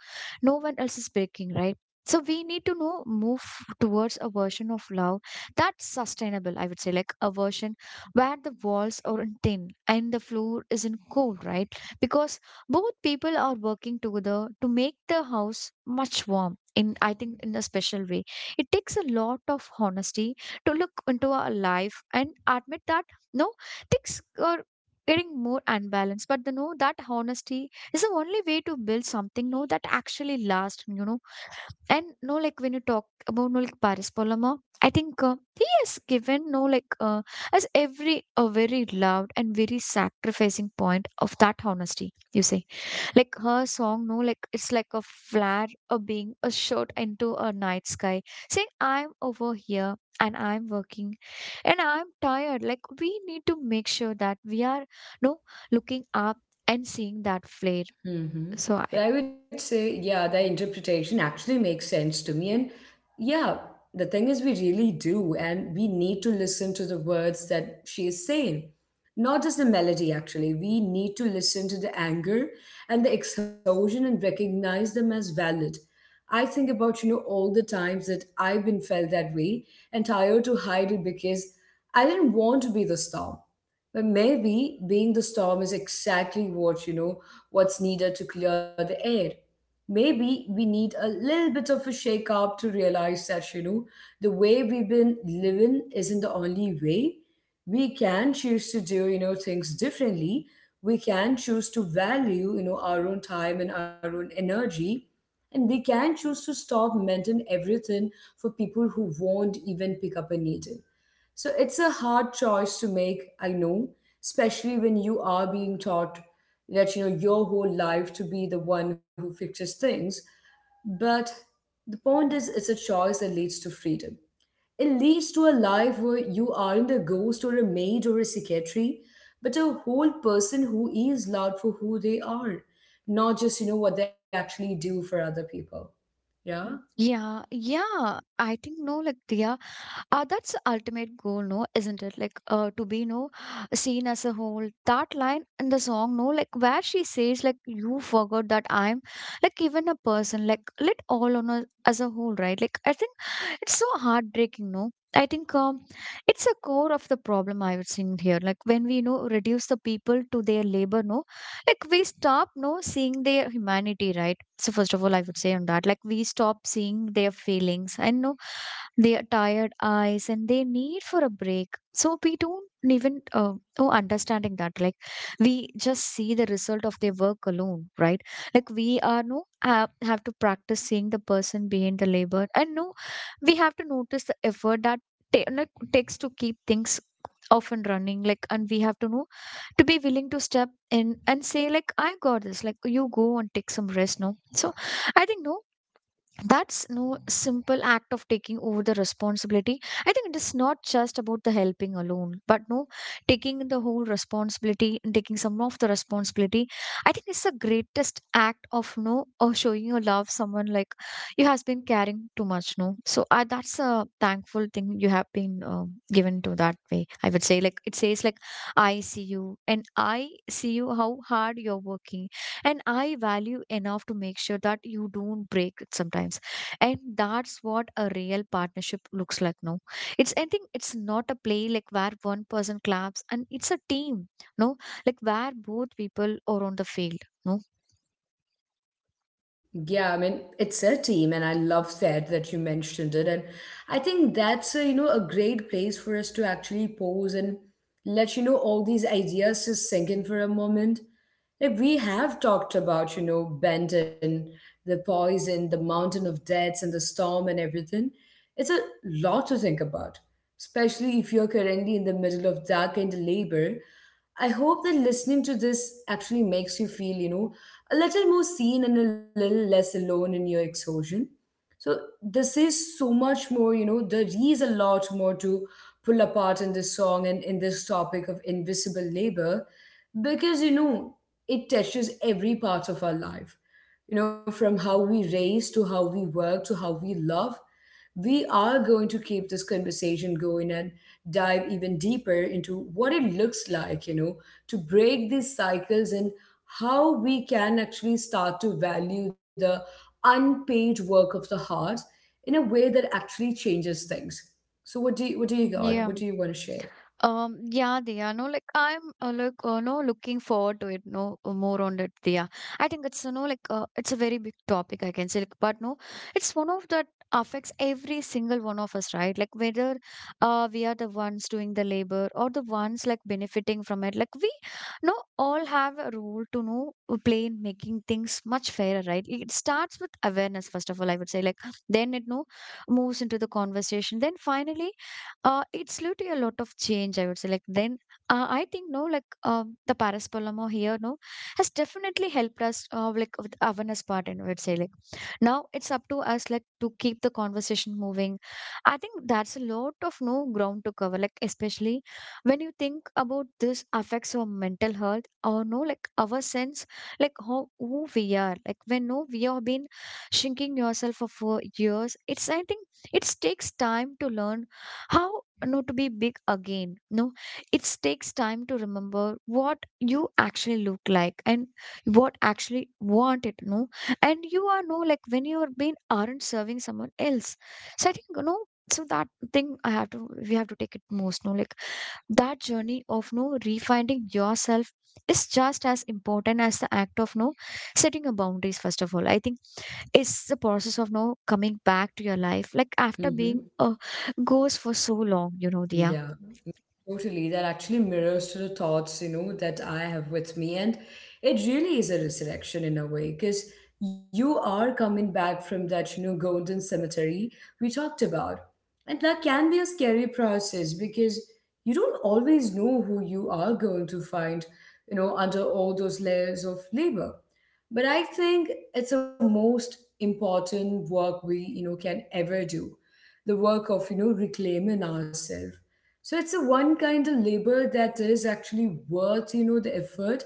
Speaker 2: no one else is breaking, right? So we need to know move towards a version of love that's sustainable, I would say, like a version where the walls are in thin and the floor isn't cold, right? Because both people are working together to make the house much warm in, I think, in a special way. It takes a lot of honesty to look into our life and admit that, no, things are getting more unbalanced, but the know that honesty is the only way to build something, no, that actually lasts, you know. And no, like when you talk about, no, like Paris Polama, I think, uh, he has given, no, like, uh, as every a very loud and very sacrificing point of that honesty, you say, like her song, no, like it's like a flare, a being, a shot into a night sky, saying, I'm over here and I'm working and I'm tired. Like, we need to make sure that we are no looking up and seeing that flare.
Speaker 1: Mm-hmm.
Speaker 2: So I
Speaker 1: Well, I would say, yeah, the interpretation actually makes sense to me. And yeah, the thing is, we really do. And we need to listen to the words that she is saying, not just the melody, actually. We need to listen to the anger and the exhaustion and recognize them as valid. I think about, you know, all the times that I've been felt that way and tired to hide it because I didn't want to be the star. But maybe being the storm is exactly what, you know, what's needed to clear the air. Maybe we need a little bit of a shake up to realize that, you know, the way we've been living isn't the only way. We can choose to do, you know, things differently. We can choose to value, you know, our own time and our own energy. And we can choose to stop mending everything for people who won't even pick up a needle. So it's a hard choice to make, I know, especially when you are being taught that you know your whole life to be the one who fixes things. But the point is, it's a choice that leads to freedom. It leads to a life where you aren't a ghost or a maid or a secretary, but a whole person who is loved for who they are, not just you know what they actually do for other people. Yeah.
Speaker 2: Mm. Yeah, yeah. I think, no, like Dia, uh, that's the ultimate goal, no, isn't it? Like, uh, to be no seen as a whole. That line in the song, no, like where she says like you forgot that I'm like even a person, like let all on a, as a whole, right? Like, I think it's so heartbreaking, no, I think um, it's a core of the problem, I would say here. Like, when we, you know, reduce the people to their labor, no, like we stop no seeing their humanity, right? So first of all, I would say on that, like we stop seeing their feelings, and no, their tired eyes and their need for a break, so we don't even uh, oh, understanding that, like we just see the result of their work alone, right? Like, we are no have, have to practice seeing the person behind the labor, and no, we have to notice the effort that ta- like, takes to keep things often running, like, and we have to know to be willing to step in and say, like, I got this, like you go and take some rest, no. So I think, no, that's no simple act of taking over the responsibility. I think it is not just about the helping alone, but no, taking the whole responsibility and taking some of the responsibility. I think it's the greatest act of no, of showing your love someone, like you has been caring too much, no. So I, that's a thankful thing you have been um given to that way, I would say, like it says like I see you, and I see you how hard you're working, and I value enough to make sure that you don't break it sometimes. And that's what a real partnership looks like now. It's, I think, it's not a play like where one person claps, and it's a team, no, like where both people are on the field, no.
Speaker 1: Yeah, I mean, it's a team, and I love that that you mentioned it. And I think that's a, you know a great place for us to actually pause and let you know all these ideas just sink in for a moment. Like we have talked about, you know, Benton, the poison, the mountain of deaths, and the storm and everything. It's a lot to think about, especially if you're currently in the middle a little more seen and a little less alone in your exhaustion. So this is so much more, you know, there is a lot more to pull apart in this song and in this topic of invisible labor because, you know, it touches every part of our life. You know, from how we raise to how we work to how we love. We are going to keep this conversation going and dive even deeper into what it looks like, you know, to break these cycles and how we can actually start to value the unpaid work of the heart in a way that actually changes things. So what do you, what do you got?
Speaker 2: Yeah,
Speaker 1: What do you want to share?
Speaker 2: Um, yeah, Diya, no, like I'm uh, like uh, no looking forward to it, no, uh, more on it, Diya. I think it's, you know, like uh, it's a very big topic, I can say, like, but no, it's one of that affects every single one of us, right? Like, whether uh we are the ones doing the labor or the ones like benefiting from it, like we no all have a role to know uh, play in making things much fairer, right? It starts with awareness, first of all, I would say, like then it no moves into the conversation, then finally. Uh, it's literally a lot of change, I would say. Like then, uh, I think, no, like um, the Paraspolamo here, no, has definitely helped us, uh, like with awareness part, and I would say, like now it's up to us, like to keep the conversation moving. I think that's a lot of no ground to cover, like especially when you think about this affects our mental health, or no, like our sense, like how who we are, like when, no, we have been shrinking yourself for, for years. It's, I think it takes time to learn how not to be big again, no. It takes time to remember what you actually look like and what actually want it, no. And you are, no, like when you are being aren't serving someone else. So I think you know So that thing I have to, we have to take it most, no, like that journey of, no, refinding yourself is just as important as the act of, no, setting a boundaries. First of all, I think it's the process of now coming back to your life like after
Speaker 1: Mm-hmm.
Speaker 2: being a ghost for so long, you know, Dia.
Speaker 1: Totally, that actually mirrors to the thoughts, you know, that I have with me. And it really is a resurrection in a way, because you are coming back from that, you know, golden cemetery we talked about. And that can be a scary process because you don't always know who you are going to find, you know, under all those layers of labor. But I think it's the most important work we, you know, can ever do. The work of, you know, reclaiming ourselves so it's a one kind of labor that is actually worth, you know, the effort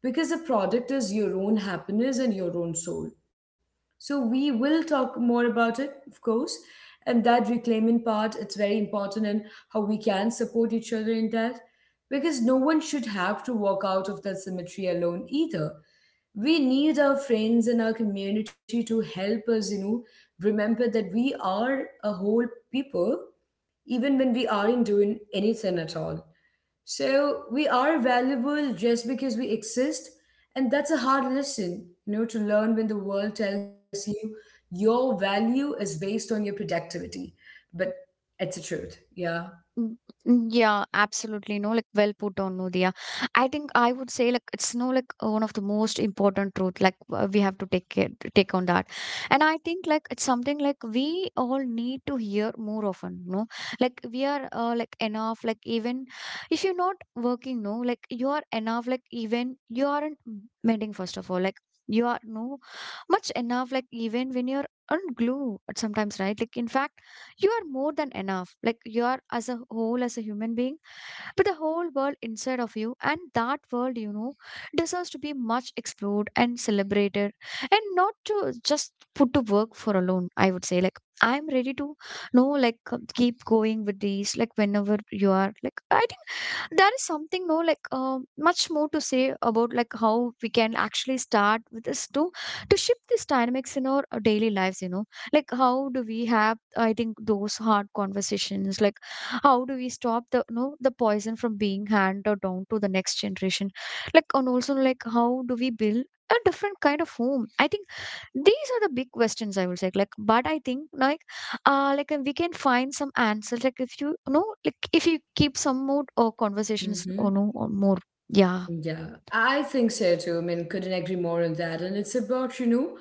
Speaker 1: because the product is your own happiness and your own soul. So we will talk more about it, of course, and that reclaiming part, it's very important and how we can support each other in that because no one should have to walk out of that cemetery alone either. We need our friends and our community to help us, you know, remember that we are a whole people even when we aren't doing anything at all. So we are valuable just because we exist, and that's a hard lesson, you know, to learn when the world tells you your value is based on your productivity. But it's the truth, yeah.
Speaker 2: Mm, mm, Yeah, absolutely. No, like well put on, Nudia. I think I would say like it's no like uh, one of the most important truth. Like uh, we have to take care, take on that, and I think like it's something like we all need to hear more often. No, like we are uh, like enough. Like even if you're not working, no, like you are enough. Like even you aren't mending. First of all, like you are no much enough. Like even when you're on glue, sometimes, right? Like in fact you are more than enough, like you are as a whole, as a human being, but the whole world inside of you, and that world, you know, deserves to be much explored and celebrated, and not to just put to work for alone. I would say like I'm ready to know like uh, keep going with these like whenever you are, like I think there is something, no, like um much more to say about, like how we can actually start with this to to shift these dynamics in our uh, daily lives, you know. Like how do we have, I think, those hard conversations, like how do we stop the, you know, the poison from being handed down to the next generation. Like, and also like how do we build a different kind of home. I think these are the big questions, I will say, like. But I think like uh like uh, we can find some answers like if you, you know, like if you keep some more uh, conversations or
Speaker 1: Hmm.
Speaker 2: no, or more, yeah.
Speaker 1: Yeah, I think so too. I mean, couldn't agree more on that. And it's about, you know,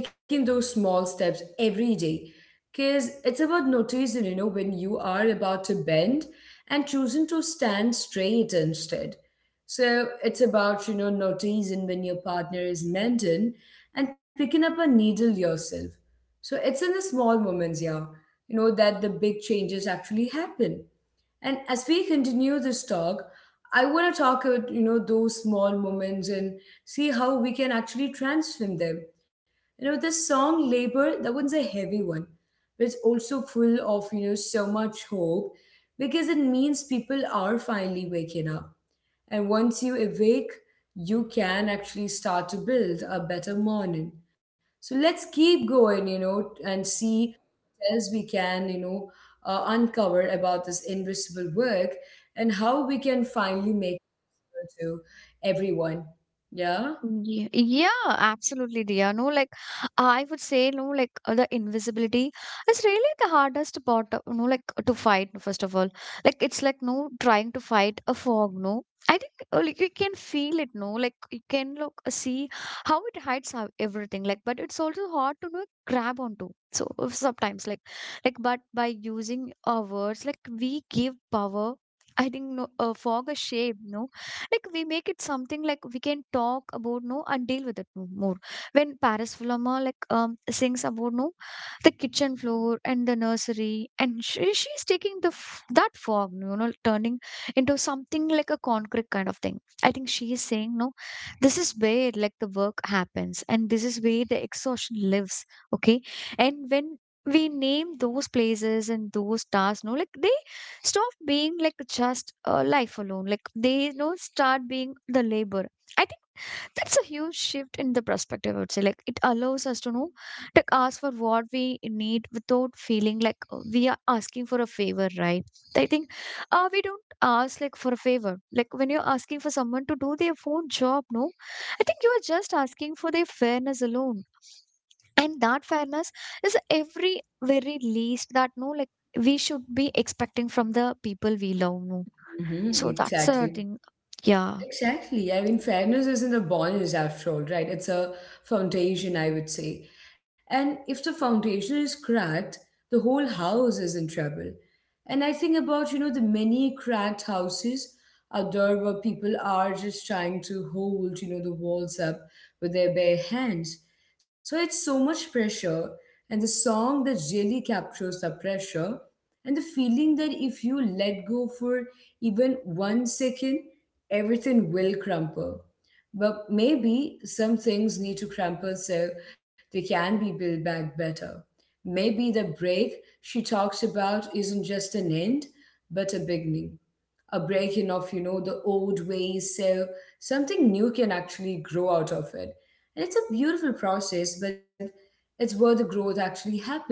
Speaker 1: taking those small steps every day. Because it's about noticing, you know, when you are about to bend and choosing to stand straight instead. So it's about, you know, noticing when your partner is mending and picking up a needle yourself. So it's in the small moments, yeah, you know, that the big changes actually happen. And as we continue this talk, I want to talk about you know those small moments and see how we can actually transform them. You know, this song "Labor," that one's a heavy one, but it's also full of you know so much hope because it means people are finally waking up. And once you awake, you can actually start to build a better morning. So let's keep going, you know, and see what else we can, you know, uh, uncover about this invisible work and how we can finally make it to everyone. Yeah.
Speaker 2: Ye- Yeah, yeah, absolutely, Dia. No, like I would say, no, like uh, the invisibility is really the hardest part, uh, no, like uh, to fight, first of all. Like it's like no trying to fight a fog, no. I think uh, like, you can feel it, no, like you can look uh, see how it hides how everything, like, but it's also hard to no grab onto. So uh, sometimes, like, like, but by using our words, like we give power. I think no, uh, fog a shape, no, like we make it something like we can talk about no and deal with it no more. When Paris Fulama, like, um sings about no the kitchen floor and the nursery, and she, she's taking the f- that fog, you know, turning into something like a concrete kind of thing. I think she is saying no, this is where like the work happens, and this is where the exhaustion lives. Okay, and when we name those places and those tasks, no, like they stop being like just uh, life alone. Like they, you know, start being the labor. I think that's a huge shift in the perspective, I would say. Like it allows us to know to ask for what we need without feeling like uh, we are asking for a favor, right? I think uh, we don't ask like for a favor, like when you're asking for someone to do their own job, no. I think you are just asking for their fairness alone. And that fairness is every very least that, no, like we should be expecting from the people we love, no.
Speaker 1: Hmm,
Speaker 2: So that's a
Speaker 1: exactly.
Speaker 2: thing, yeah.
Speaker 1: Exactly. I mean, fairness isn't a bonus after all, right? It's a foundation, I would say. And if the foundation is cracked, the whole house is in trouble. And I think about, you know, the many cracked houses out there where people are just trying to hold, you know, the walls up with their bare hands. So it's so much pressure. And the song that really captures the pressure and the feeling that if you let go for even one second, everything will crumple. But maybe some things need to crumple so they can be built back better. Maybe the break she talks about isn't just an end, but a beginning. A breaking of, you know, the old ways so something new can actually grow out of it. And it's a beautiful process, but it's where the growth actually happens.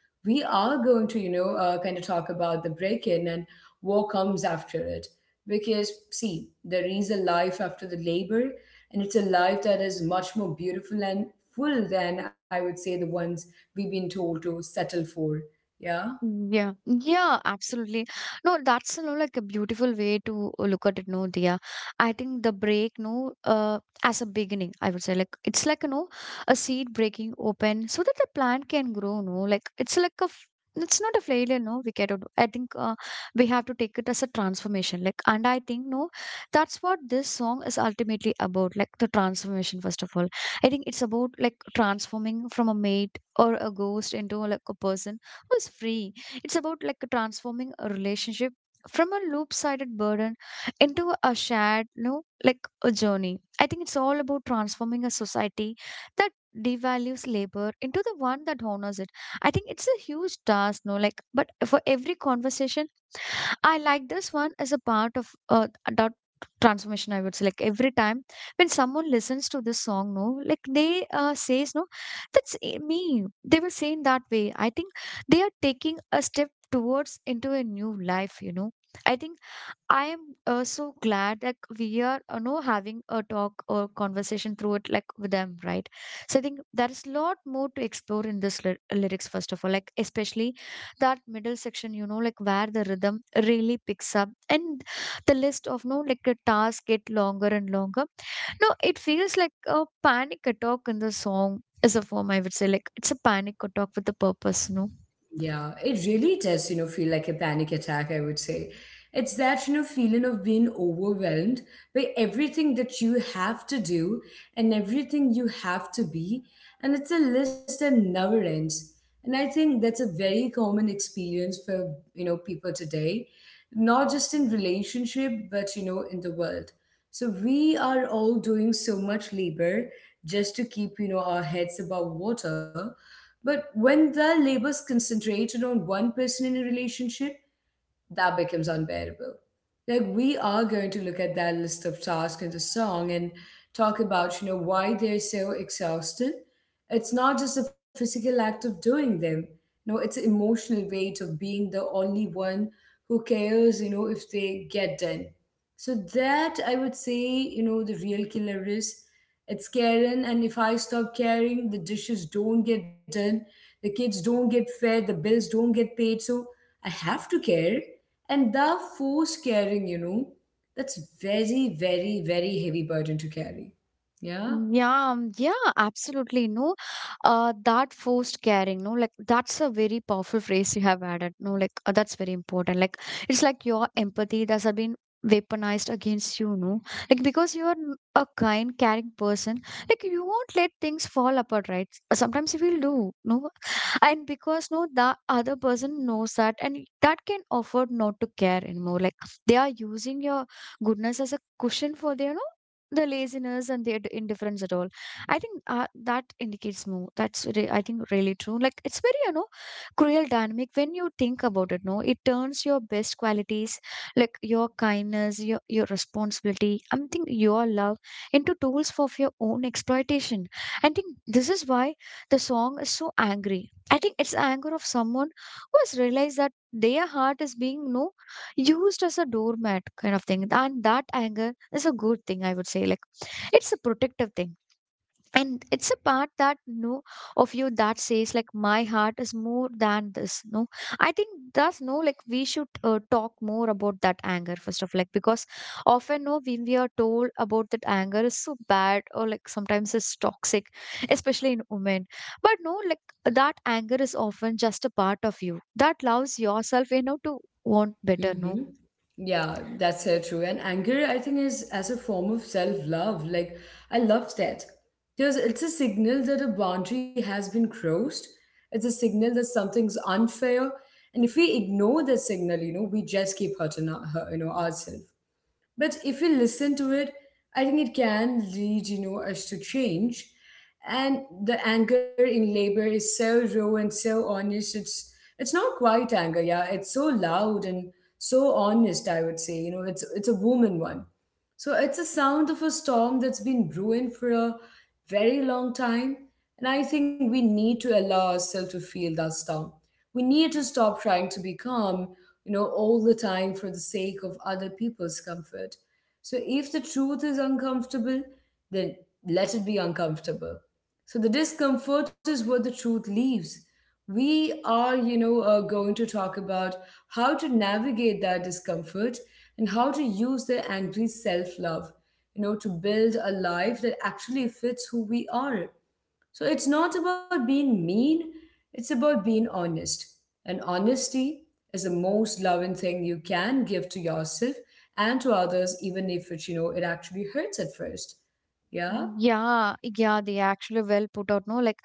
Speaker 1: We are going to, you know, uh, kind of talk about the break in and what comes after it. Because, see, there is a life after the labor, and it's a life that is much more beautiful and full than I would say the ones we've been told to settle for. Yeah.
Speaker 2: Mm, Yeah, yeah, absolutely. No, that's, you know, like a beautiful way to look at it, no, Dia. I think the break, no, uh, as a beginning, I would say, like it's like, you know, a seed breaking open so that the plant can grow, no. Like it's like a, f- it's not a failure, no, we cannot. I think uh, we have to take it as a transformation, like. And I think no, that's what this song is ultimately about, like the transformation. First of all, I think it's about like transforming from a maid or a ghost into like a person who is free. It's about like transforming a relationship from a loop-sided burden into a shared, you know, like a journey. I think it's all about transforming a society that devalues labor into the one that honors it. I think it's a huge task, no, like, but for every conversation, I like this one as a part of uh, that transformation. I would say, like every time when someone listens to this song, no, like they uh, says, no, that's i- me. They will say in that way. I think they are taking a step towards into a new life. You know, I think I am uh, so glad that we are, you know, having a talk or conversation through it like with them, right? So I think there is a lot more to explore in this ly- lyrics. First of all, like especially that middle section, you know, like where the rhythm really picks up, and the list of, no, like the tasks get longer and longer, no. It feels like a panic attack in the song is a form, I would say. Like it's a panic attack with a purpose, you know.
Speaker 1: Yeah, it really does, you know, feel like a panic attack, I would say. It's that, you know, feeling of being overwhelmed by everything that you have to do and everything you have to be. And it's a list that never ends. And I think that's a very common experience for, you know, people today, not just in relationship, but, you know, in the world. So we are all doing so much labor just to keep, you know, our heads above water but when the labor is concentrated on one person in a relationship, that becomes unbearable. Like we are going to look at that list of tasks in the song and talk about, you know, why they're so exhausting. It's not just a physical act of doing them. No, it's the emotional weight of being the only one who cares, you know, if they get done. So that I would say, you know, the real killer is it's caring, and if I stop caring, the dishes don't get done, the kids don't get fed, the bills don't get paid. So I have to care, and the force carrying, you know, that's very, very, very heavy burden to carry. Yeah.
Speaker 2: Yeah, um, yeah, absolutely. No, uh, that forced caring, no, like that's a very powerful phrase you have added. No, like uh, that's very important. Like it's like your empathy that has been weaponized against you, no, like because you are n- a kind, caring person, like you won't let things fall apart, right? Sometimes you will do, no, and because no, the other person knows that, and that can afford not to care anymore. Like they are using your goodness as a cushion for their, no, the laziness and the ind- indifference at all. I think uh, that indicates more that's re- I think really true, like it's very, you know, cruel dynamic when you think about it, no. It turns your best qualities, like your kindness, your your responsibility, I think, your love, into tools for your own exploitation. I think this is why the song is so angry. I think it's anger of someone who has realized that their heart is being, no, used as a doormat kind of thing. And that anger is a good thing, I would say. Like it's a protective thing, and it's a part that, no, of you that says like my heart is more than this, no. I think that's no like we should uh, talk more about that anger. First of, like, because often, no, when we are told about that anger is so bad, or like sometimes it's toxic, especially in women. But no, like that anger is often just a part of you that allows yourself, you know, to want better, no.
Speaker 1: Mm-hmm. Yeah, that's so true. And anger, I think, is as a form of self-love. Like, I love that because it's a signal that a boundary has been crossed. It's a signal that something's unfair, and if we ignore that signal, you know, we just keep hurting our, hurt- you know ourselves. But if you listen to it, I think it can lead, you know, us to change. And the anger in labor is so raw and so honest. It's it's not quite anger, yeah. It's so loud and so honest, I would say. You know, it's it's a woman one. So it's a sound of a storm that's been brewing for a very long time. And I think we need to allow ourselves to feel that storm. We need to stop trying to be calm, you know, all the time for the sake of other people's comfort. So if the truth is uncomfortable, then let it be uncomfortable. So the discomfort is where the truth leaves. We are, you know, uh, going to talk about how to navigate that discomfort and how to use the angry self love, you know, to build a life that actually fits who we are. So it's not about being mean, it's about being honest. And honesty is the most loving thing you can give to yourself and to others, even if it, you know, it actually hurts at first. Yeah.
Speaker 2: Mm, Yeah, yeah, they actually well put out, no? Like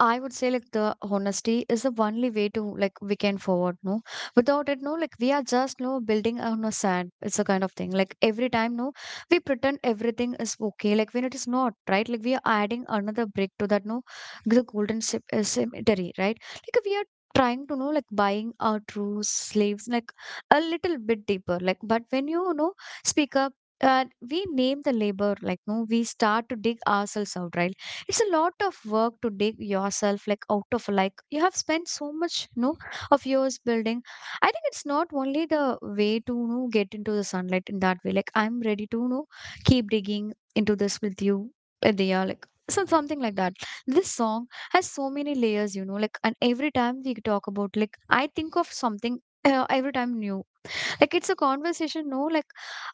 Speaker 2: I would say like the honesty is the only way to, like, we can forward, no? Without it, no, like we are just no building on a sand. It's a kind of thing. Like every time, no, we pretend everything is okay, like when it is not, right? Like we are adding another brick to that, no, the golden cem- uh, cemetery, right? Like we are trying to know like buying our true slaves like a little bit deeper, like. But when you, you know, speak up, uh, we name the labor, like, no, we start to dig ourselves out, right? It's a lot of work to dig yourself, like, out of, like you have spent so much, no, of years building. I think it's not only the way to, you know, get into the sunlight in that way. Like I'm ready to, you know, keep digging into this with you, Adia, like, so something like that. This song has so many layers, you know, like, and every time we talk about, like I think of something uh, every time new. Like it's a conversation, no, like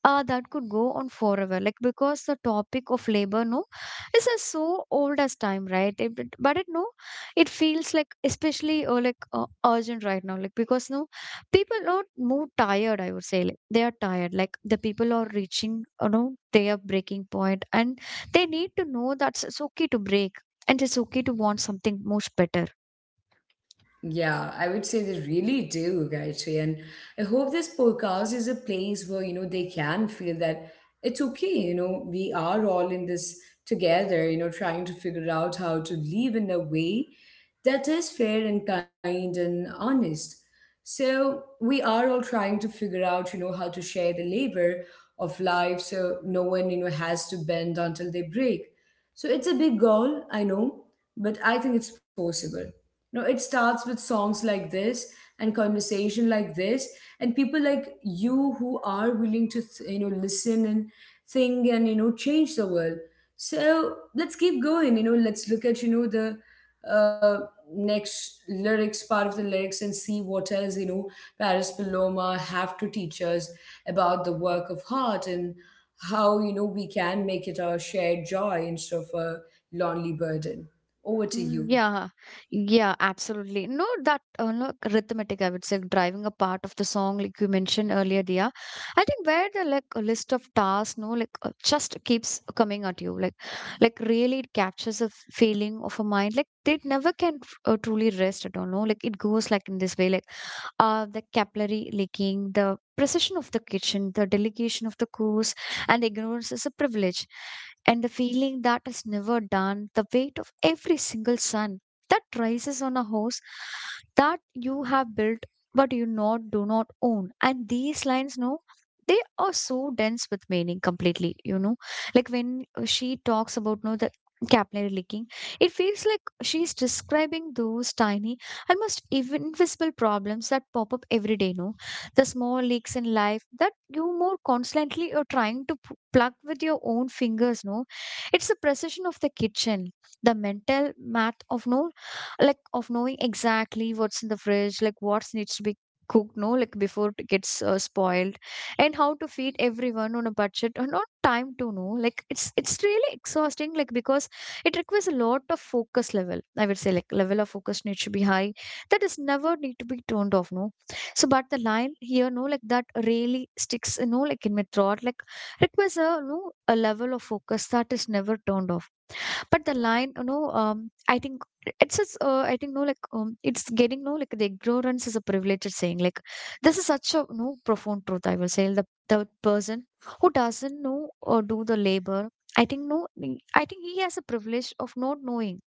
Speaker 2: uh, that could go on forever, like, because the topic of labor, no, is uh, so old as time, right? It, it- but it, no, it feels like especially uh, like uh, urgent right now, like, because no, people are more tired, I would say. Like they are tired. Like the people are reaching, you know, their breaking point, and they need to know that it's it's okay to break, and it's okay to want something much better.
Speaker 1: Yeah, I would say they really do, Gayatri. And I hope this podcast is a place where, you know, they can feel that it's okay, you know, we are all in this together, you know, trying to figure out how to live in a way that is fair and kind and honest. So we are all trying to figure out, you know, how to share the labor of life so no one, you know, has to bend until they break. So it's a big goal, I know, but I think it's possible. No, it starts with songs like this and conversation like this, and people like you who are willing to th- you know listen and think and you know change the world. So let's keep going. You know, let's look at you know the uh, next lyrics, part of the lyrics, and see what else you know Paris Paloma have to teach us about the work of heart and how you know we can make it a shared joy instead of a lonely burden. Over to
Speaker 2: Mm,
Speaker 1: you.
Speaker 2: Yeah, yeah, absolutely. No, that uh, no, rhythmic, I would say, driving a part of the song, like you mentioned earlier, Dia. I think where the like a list of tasks, no, like uh, just keeps coming at you, like, like really it captures a f- feeling of a mind, like they never can f- uh, truly rest. I don't know, like it goes like in this way, like uh, the capillary leaking, the precision of the kitchen, the delegation of the course, and ignorance is a privilege. And the feeling that is never done, the weight of every single sun that rises on a horse that you have built but you not do not own. And these lines, no, they are so dense with meaning completely, you know. Like when uh, she talks about no the capillary leaking, it feels like she's describing those tiny, almost even invisible problems that pop up every day, no, the small leaks in life that you more constantly you're trying to p- plug with your own fingers, no. It's the precision of the kitchen, the mental math of, no, like of knowing exactly what's in the fridge, like what needs to be cooked, no, like before it gets uh, spoiled, and how to feed everyone on a budget or not time to know, like it's it's really exhausting, like, because it requires a lot of focus level, I would say. Like level of focus needs to be high, that is never need to be turned off, no. So, but the line here, no, like that really sticks, you know, like in my throat, like, requires a, no, a level of focus that is never turned off. But the line, you know, um I think it's just uh, I think no, like um it's getting no like the ignorance is a privileged saying, like this is such a no profound truth, I will say. The the person who doesn't know or do the labor, I think no, I think he has a privilege of not knowing.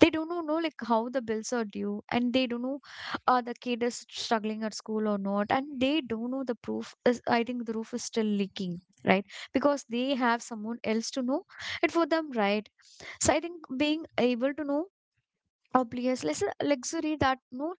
Speaker 2: They don't know, know like how the bills are due, and they don't know uh, the kid is struggling at school or not, and they don't know the proof is. I think the roof is still leaking, right? Because they have someone else to know it for them, right? So I think being able to know obvious less luxury that, no,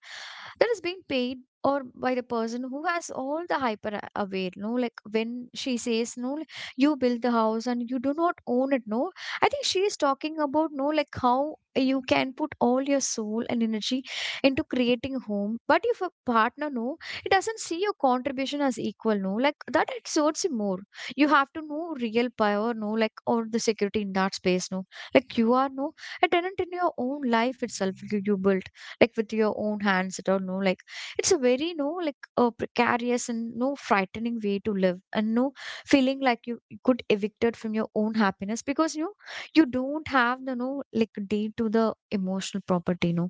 Speaker 2: that is being paid or by the person who has all the hyper a- aware, no. Like when she says no, like, you build the house and you do not own it, no, I think she is talking about no like how you can put all your soul and energy into creating a home. But if a partner, no, it doesn't see your contribution as equal, no, like that it hurts you more. You have to know real power, no, like, or the security in that space, no. Like you are no a tenant in your own life itself, you, you built like with your own hands it, or no, like it's a very no like uh, precarious and no frightening way to live. And no feeling like you you could evicted from your own happiness, because, you know, you don't have the no like deed to the emotional property, no.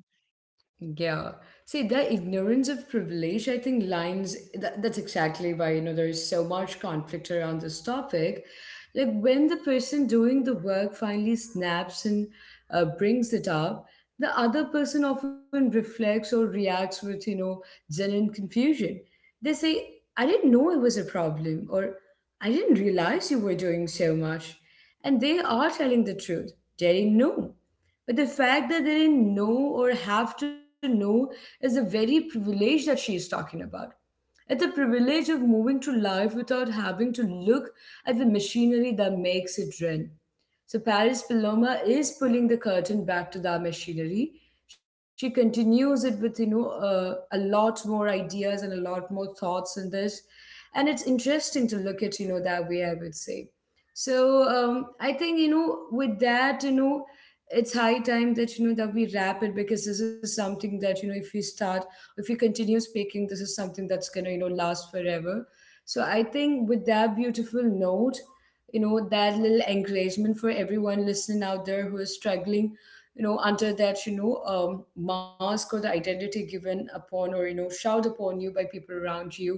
Speaker 1: Yeah. See, that ignorance of privilege, I think, lines that, that's exactly why, you know, there is so much conflict around this topic. Like when the person doing the work finally snaps and uh, brings it up, the other person often reflects or reacts with, you know, genuine confusion. They say, I didn't know it was a problem, or I didn't realize you were doing so much. And they are telling the truth. They didn't know. But the fact that they didn't know or have to know is a very privilege that she is talking about. It's a privilege of moving through life without having to look at the machinery that makes it run. So Paris Paloma is pulling the curtain back to that machinery. She continues it with you know uh, a lot more ideas and a lot more thoughts in this, and it's interesting to look at you know that way. I would say. So um, I think you know with that you know it's high time that you know that we wrap it because this is something that you know if we start if you continue speaking this is something that's going to you know last forever. So I think with that beautiful note, you know that little encouragement for everyone listening out there who is struggling you know under that you know um, mask or the identity given upon or you know shout upon you by people around you.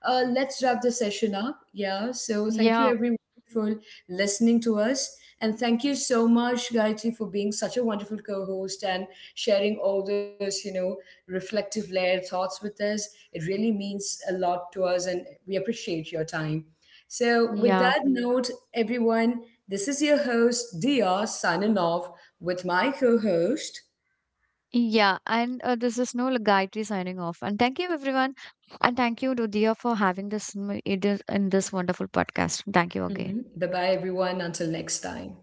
Speaker 1: uh, Let's wrap the session up. Yeah, so thank you
Speaker 2: Yeah,
Speaker 1: everyone for listening to us, and thank you so much, Gayatri, for being such a wonderful co-host and sharing all those, you know, reflective layered thoughts with us. It really means a lot to us, and we appreciate your time. So, with
Speaker 2: yeah,
Speaker 1: that note, everyone, this is your host, Dia, signing off with my co host.
Speaker 2: yeah. And uh, this is Noel Gayatri signing off. And thank you, everyone. And thank you, Rudia, for having this in this in this wonderful podcast. Thank you again.
Speaker 1: Bye bye, everyone. Until next time.